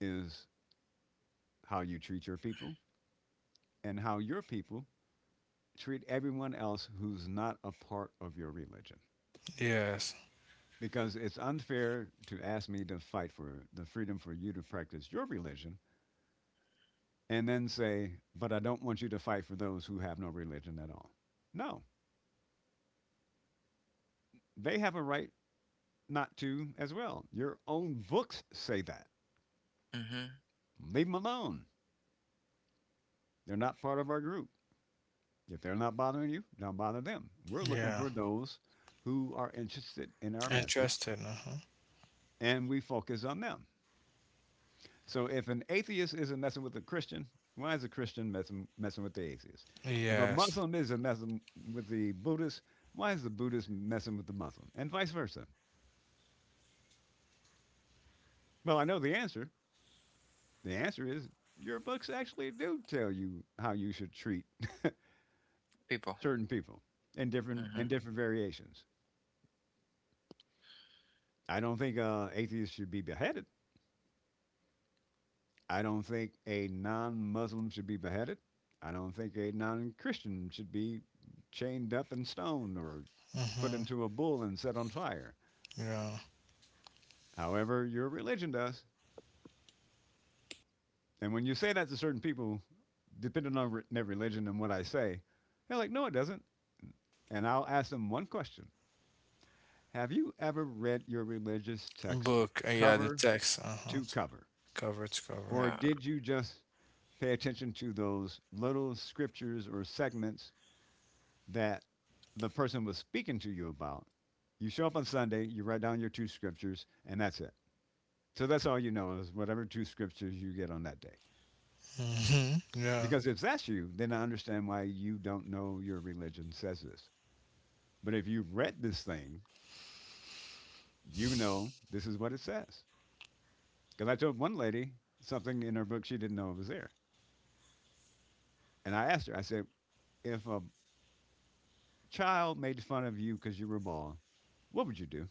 [SPEAKER 2] is how you treat your people and how your people treat everyone else who's not a part of your religion.
[SPEAKER 3] Yes.
[SPEAKER 2] Because it's unfair to ask me to fight for the freedom for you to practice your religion and then say, but I don't want you to fight for those who have no religion at all. No, they have a right not to as well. Your own books say that.
[SPEAKER 1] mhm.
[SPEAKER 2] Leave them alone. They're not part of our group. If they're not bothering you, don't bother them. We're looking
[SPEAKER 3] Yeah,
[SPEAKER 2] for those who are interested in our message
[SPEAKER 3] interested. Uh-huh.
[SPEAKER 2] and we focus on them. So if an atheist isn't messing with a Christian, why is a Christian messing with the atheist? If a
[SPEAKER 3] Yes.
[SPEAKER 2] Muslim isn't messing with the Buddhist, why is the Buddhist messing with the Muslim? And vice versa. Well, I know the answer. The answer is your books actually do tell you how you should treat
[SPEAKER 1] People.
[SPEAKER 2] certain people in
[SPEAKER 1] Mhm.
[SPEAKER 2] different variations. I don't think atheists should be beheaded. I don't think a non-Muslim should be beheaded. I don't think a non-Christian should be chained up and stoned or put
[SPEAKER 3] Mm-hmm.
[SPEAKER 2] into a bull and set on fire.
[SPEAKER 3] Yeah.
[SPEAKER 2] However, your religion does. And when you say that to certain people, depending on their religion and what I say, they're like, "No, it doesn't." And I'll ask them one question: Have you ever read your religious text
[SPEAKER 3] Book. Yeah, the
[SPEAKER 2] cover
[SPEAKER 3] text. Uh-huh.
[SPEAKER 2] to cover?
[SPEAKER 3] Cover to cover.
[SPEAKER 2] Or
[SPEAKER 1] Yeah.
[SPEAKER 2] did you just pay attention to those little scriptures or segments that the person was speaking to you about? You show up on Sunday, you write down your two scriptures, and that's it. So that's all you know is whatever two scriptures you get on that day.
[SPEAKER 3] Mm-hmm. Yeah.
[SPEAKER 2] Because if that's you, then I understand why you don't know your religion says this. But if you've read this thing, you know this is what it says. Because I told one lady something in her book she didn't know was there. And I asked her, I said, if a child made fun of you because you were bald, what would you do?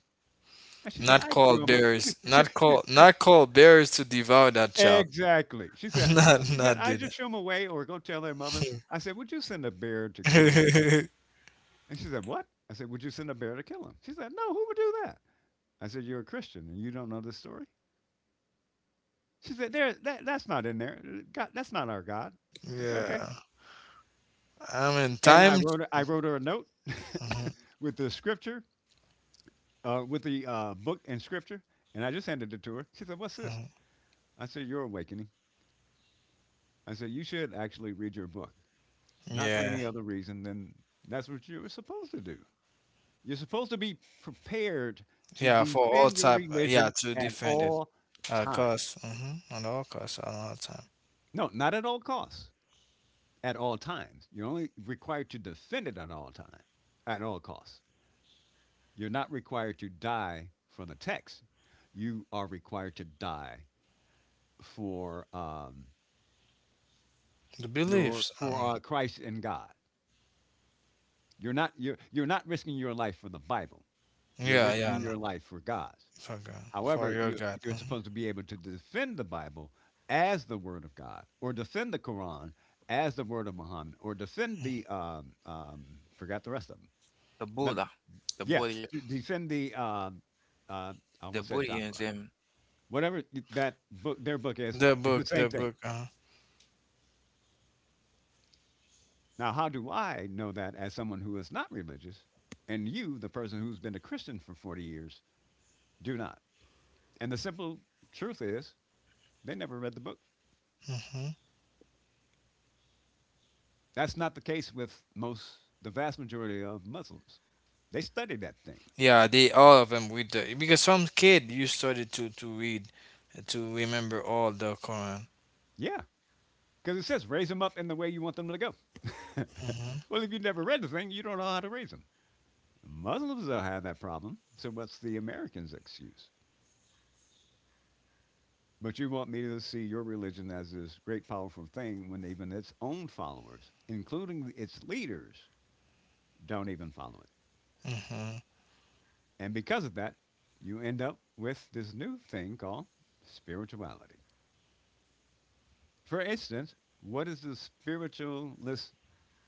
[SPEAKER 2] And she said,
[SPEAKER 3] Not
[SPEAKER 2] I show
[SPEAKER 3] called
[SPEAKER 2] him.
[SPEAKER 3] bears.
[SPEAKER 2] She-
[SPEAKER 3] Not
[SPEAKER 2] she-
[SPEAKER 3] call. Not called bears to devour that child.
[SPEAKER 2] exactly. She said, "No,"
[SPEAKER 3] Not.
[SPEAKER 2] she said,
[SPEAKER 3] Not
[SPEAKER 2] I
[SPEAKER 3] do
[SPEAKER 2] just
[SPEAKER 3] that.
[SPEAKER 2] show him away or go tell their mothers. I said, would you send a bear to kill him? And she said, what? I said, would you send a bear to kill him? She said, no, who would do that? I said, you're a Christian and you don't know this story? She said, that's not in there. God, that's not our God. I said, okay.
[SPEAKER 3] Yeah. I mean
[SPEAKER 2] And
[SPEAKER 3] time.
[SPEAKER 2] I wrote her a note
[SPEAKER 3] Mhm,
[SPEAKER 2] with the scripture, with the book and scripture, and I just handed it to her. She said, what's this?
[SPEAKER 3] mhm.
[SPEAKER 2] I said, your awakening. I said, you should actually read your book, not for
[SPEAKER 3] Yeah.
[SPEAKER 2] any other reason than that's what you were supposed to do. You're supposed to be prepared to
[SPEAKER 3] Yeah. For all
[SPEAKER 2] defend your
[SPEAKER 3] type. Yeah.
[SPEAKER 2] religion
[SPEAKER 3] To
[SPEAKER 2] at
[SPEAKER 3] defend it.
[SPEAKER 2] all
[SPEAKER 3] At cost.
[SPEAKER 2] times.
[SPEAKER 3] Mm-hmm. At all costs. At all time.
[SPEAKER 2] No, not at all costs, at all times. You're only required to defend it at all times, at all costs. You're not required to die for the text. You are required to die for
[SPEAKER 3] The
[SPEAKER 2] your
[SPEAKER 3] beliefs. I
[SPEAKER 2] for
[SPEAKER 3] mean.
[SPEAKER 2] Christ and God. You're not risking your life for the Bible. You're
[SPEAKER 3] Yeah.
[SPEAKER 2] risking
[SPEAKER 3] Yeah.
[SPEAKER 2] your life for God's.
[SPEAKER 3] For God, for
[SPEAKER 2] However,
[SPEAKER 3] your God.
[SPEAKER 2] you're
[SPEAKER 3] Mhm.
[SPEAKER 2] supposed to be able to defend the Bible as the Word of God, or defend the Quran as the Word of Muhammad, or defend the forgot the rest of them.
[SPEAKER 1] The
[SPEAKER 2] But
[SPEAKER 1] Buddha. The
[SPEAKER 2] yeah,
[SPEAKER 1] Buddha.
[SPEAKER 2] to defend the uh, I
[SPEAKER 1] The
[SPEAKER 2] almost said chakra.
[SPEAKER 1] Buddhism.
[SPEAKER 2] Whatever that their book is,
[SPEAKER 3] The
[SPEAKER 2] it's the
[SPEAKER 3] book,
[SPEAKER 2] same
[SPEAKER 3] the
[SPEAKER 2] thing.
[SPEAKER 3] book.
[SPEAKER 2] Now, how do I know that as someone who is not religious, and you, the person who's been a Christian for 40 years, do not? And the simple truth is, they never read the book.
[SPEAKER 3] Hmm.
[SPEAKER 2] That's not the case with most, the vast majority of Muslims. They study that thing.
[SPEAKER 3] Yeah, they all of them with the because some kid you started to read, to remember all the Quran.
[SPEAKER 2] Yeah, because it says raise them up in the way you want them to go.
[SPEAKER 3] Hmm.
[SPEAKER 2] Well, if you have never read the thing, you don't know how to raise them. Muslims don't have that problem. So what's the Americans' excuse? But you want me to see your religion as this great powerful thing when even its own followers, including its leaders, don't even follow it.
[SPEAKER 3] Hmm.
[SPEAKER 2] And because of that, you end up with this new thing called spirituality. For instance, what is the spiritualist?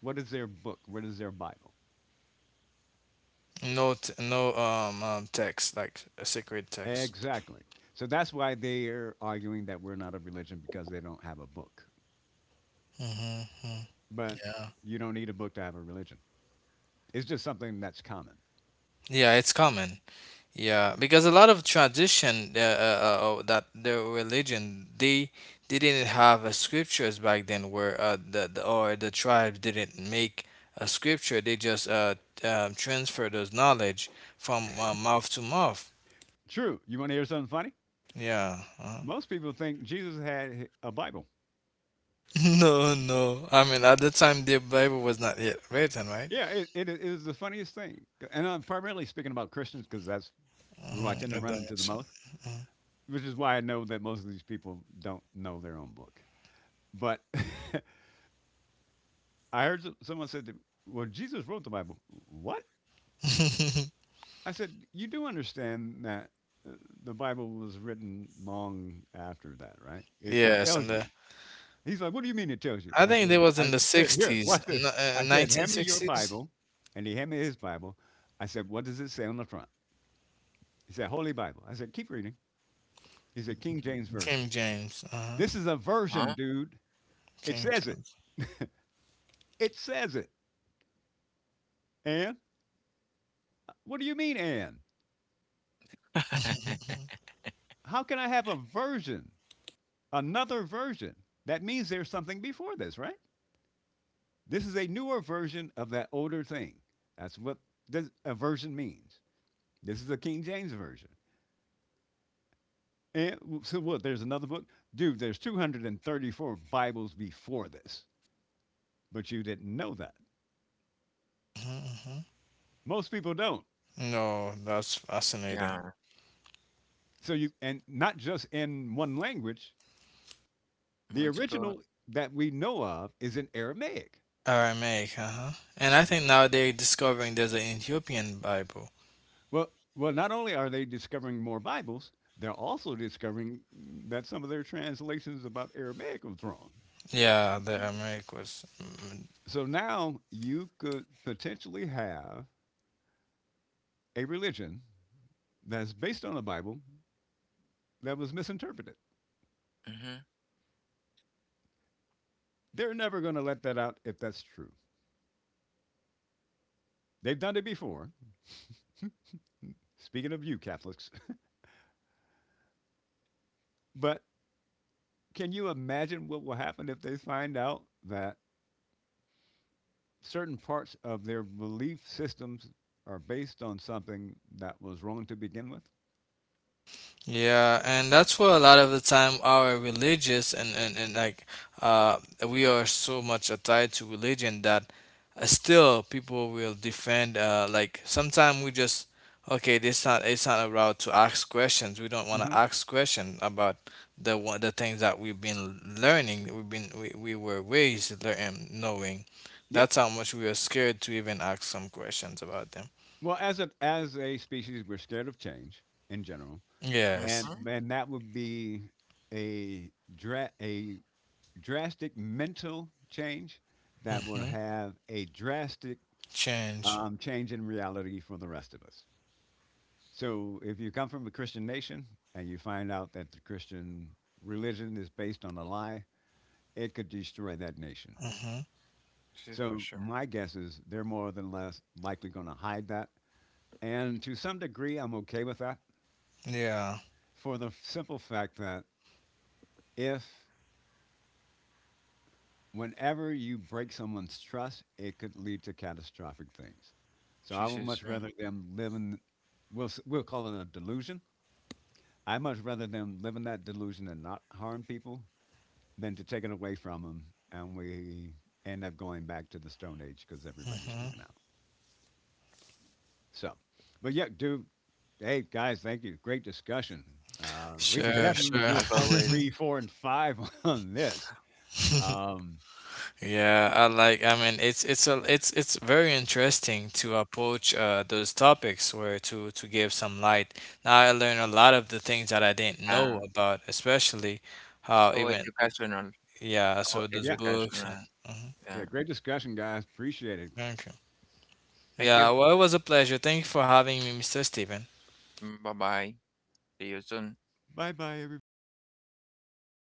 [SPEAKER 2] What is their book? What is their Bible?
[SPEAKER 3] No, no text like a sacred text.
[SPEAKER 2] Exactly. So that's why they're arguing that we're not a religion because they don't have a book.
[SPEAKER 3] Hmm.
[SPEAKER 2] But
[SPEAKER 3] Yeah,
[SPEAKER 2] you don't need a book to have a religion. It's just something that's common.
[SPEAKER 3] yeah, it's common. Yeah, because a lot of tradition oh, that the religion they didn't have scriptures back then, where the tribes didn't make a scripture. They just transfer those knowledge from mouth to mouth.
[SPEAKER 2] True. You want to hear something funny?
[SPEAKER 3] Yeah.
[SPEAKER 2] Most people think Jesus had a Bible.
[SPEAKER 3] No, no. I mean, at the time, the Bible was not yet written, right?
[SPEAKER 2] Yeah, it is the funniest thing. And I'm primarily speaking about Christians because that's who I tend
[SPEAKER 3] Mm-hmm.
[SPEAKER 2] to
[SPEAKER 3] At
[SPEAKER 2] run
[SPEAKER 3] that
[SPEAKER 2] into the
[SPEAKER 3] mention.
[SPEAKER 2] most, which is why I know that most of these people don't know their own book. But I heard someone said, to, me, "Well, Jesus wrote the Bible." What?
[SPEAKER 3] Mhm.
[SPEAKER 2] I said, "You do understand that uh, the Bible was written long after that, right? It
[SPEAKER 3] Yes,
[SPEAKER 2] tells
[SPEAKER 3] and
[SPEAKER 2] you."
[SPEAKER 3] the
[SPEAKER 2] He's like, "What do you mean it tells you?"
[SPEAKER 3] I
[SPEAKER 2] I
[SPEAKER 3] think it
[SPEAKER 2] said,
[SPEAKER 3] was in
[SPEAKER 2] I,
[SPEAKER 3] the
[SPEAKER 2] "Here, here,
[SPEAKER 3] sixties,
[SPEAKER 2] watch this." I said,
[SPEAKER 3] nineteen
[SPEAKER 2] "Hand me your
[SPEAKER 3] sixties.
[SPEAKER 2] Bible," and he handed me his Bible. I said, "What does it say on the front?" He said, "Holy Bible." I said, "Keep reading." He
[SPEAKER 1] 굳이
[SPEAKER 2] said,
[SPEAKER 1] iks
[SPEAKER 2] "King
[SPEAKER 1] 굳이
[SPEAKER 2] James
[SPEAKER 1] 쫀나 Eck
[SPEAKER 2] Version."
[SPEAKER 3] King James. Uh-huh.
[SPEAKER 2] This is a version,
[SPEAKER 1] 그렇죠
[SPEAKER 2] dude. It says it.
[SPEAKER 3] Kingdom.
[SPEAKER 2] It says it. And what do you mean, and? How can I have a version? Another version. That means there's something before this, right? This is a newer version of that older thing. That's what a version means. This is the King James version. And so what? There's another book, dude. There's 234 Bibles before this, but you didn't know that.
[SPEAKER 3] Mhm, mhm.
[SPEAKER 2] Most people don't.
[SPEAKER 3] No, that's fascinating.
[SPEAKER 2] So you and not just in one language.
[SPEAKER 1] ام
[SPEAKER 2] The original that we know of is in Aramaic.
[SPEAKER 3] Aramaic, uh-huh. And I think now they're discovering there's an Ethiopian Bible.
[SPEAKER 2] Well, well, not only are they discovering more Bibles, they're also discovering that some of their translations about Aramaic was wrong.
[SPEAKER 3] Yeah, the Aramaic was
[SPEAKER 2] So now you could potentially have a religion that's based on a Bible that was misinterpreted.
[SPEAKER 1] Mhm,
[SPEAKER 2] They're never going to let that out if that's true. They've done it before. Speaking of you, Catholics, but can you imagine what will happen if they find out that certain parts of their belief systems are based on something that was wrong to begin with?
[SPEAKER 3] Yeah, and that's where a lot of the time our religious and like uh, we are so much tied to religion that still people will defend. Like sometimes we just okay, this not it's not allowed to ask questions. We don't want to ask questions about the things that we've been learning. We were raised learning knowing.
[SPEAKER 2] Yeah.
[SPEAKER 3] That's how much we are scared to even ask some questions about them.
[SPEAKER 2] Well, as a species, we're scared of change in general,
[SPEAKER 3] Yes.
[SPEAKER 1] mhm.
[SPEAKER 2] and that would be a drastic mental change that will
[SPEAKER 3] Mm-hmm.
[SPEAKER 2] have a drastic
[SPEAKER 3] Change.
[SPEAKER 2] change in reality for the rest of us. So, if you come from a Christian nation and you find out that the Christian religion is based on a lie, it could destroy that nation.
[SPEAKER 3] Mm-hmm.
[SPEAKER 1] Sí, for
[SPEAKER 2] So,
[SPEAKER 1] sure.
[SPEAKER 2] my guess is they're more than less likely going to hide that, and to some degree, I'm okay with that
[SPEAKER 3] Yeah.
[SPEAKER 2] for the simple fact that if whenever you break someone's trust, it could lead to catastrophic things. So
[SPEAKER 1] Sí,
[SPEAKER 2] I would
[SPEAKER 1] sí,
[SPEAKER 2] much
[SPEAKER 1] sí.
[SPEAKER 2] rather them live in, we'll call it a delusion. I much rather them live in that delusion and not harm people than to take it away from them and we end up going back to the Stone Age because everybody's freaking
[SPEAKER 3] Mhm.
[SPEAKER 2] out. So, but yeah, dude, hey guys, thank you. Great discussion. We can
[SPEAKER 3] Sure,
[SPEAKER 2] definitely
[SPEAKER 3] sure.
[SPEAKER 2] do a
[SPEAKER 1] As
[SPEAKER 2] part
[SPEAKER 1] always,
[SPEAKER 2] three, four, and five on this. Um,
[SPEAKER 3] Yeah, I like I mean it's a it's it's very interesting to approach those topics where to give some light. Now I learned a lot of the things that I didn't know
[SPEAKER 1] uh,
[SPEAKER 3] about, especially how
[SPEAKER 1] so
[SPEAKER 3] even
[SPEAKER 1] educational,
[SPEAKER 3] yeah,
[SPEAKER 1] so
[SPEAKER 3] so those
[SPEAKER 2] Yeah.
[SPEAKER 3] books and
[SPEAKER 1] educational.
[SPEAKER 3] mhm.
[SPEAKER 2] Yeah.
[SPEAKER 1] Yeah.
[SPEAKER 2] Great discussion, guys. Appreciate it.
[SPEAKER 3] Thank you.
[SPEAKER 1] Thank you.
[SPEAKER 3] Yeah, well it was a pleasure. Thank you for having me, Mr. Steven.
[SPEAKER 1] Bye bye. See you soon.
[SPEAKER 2] Bye bye, everybody.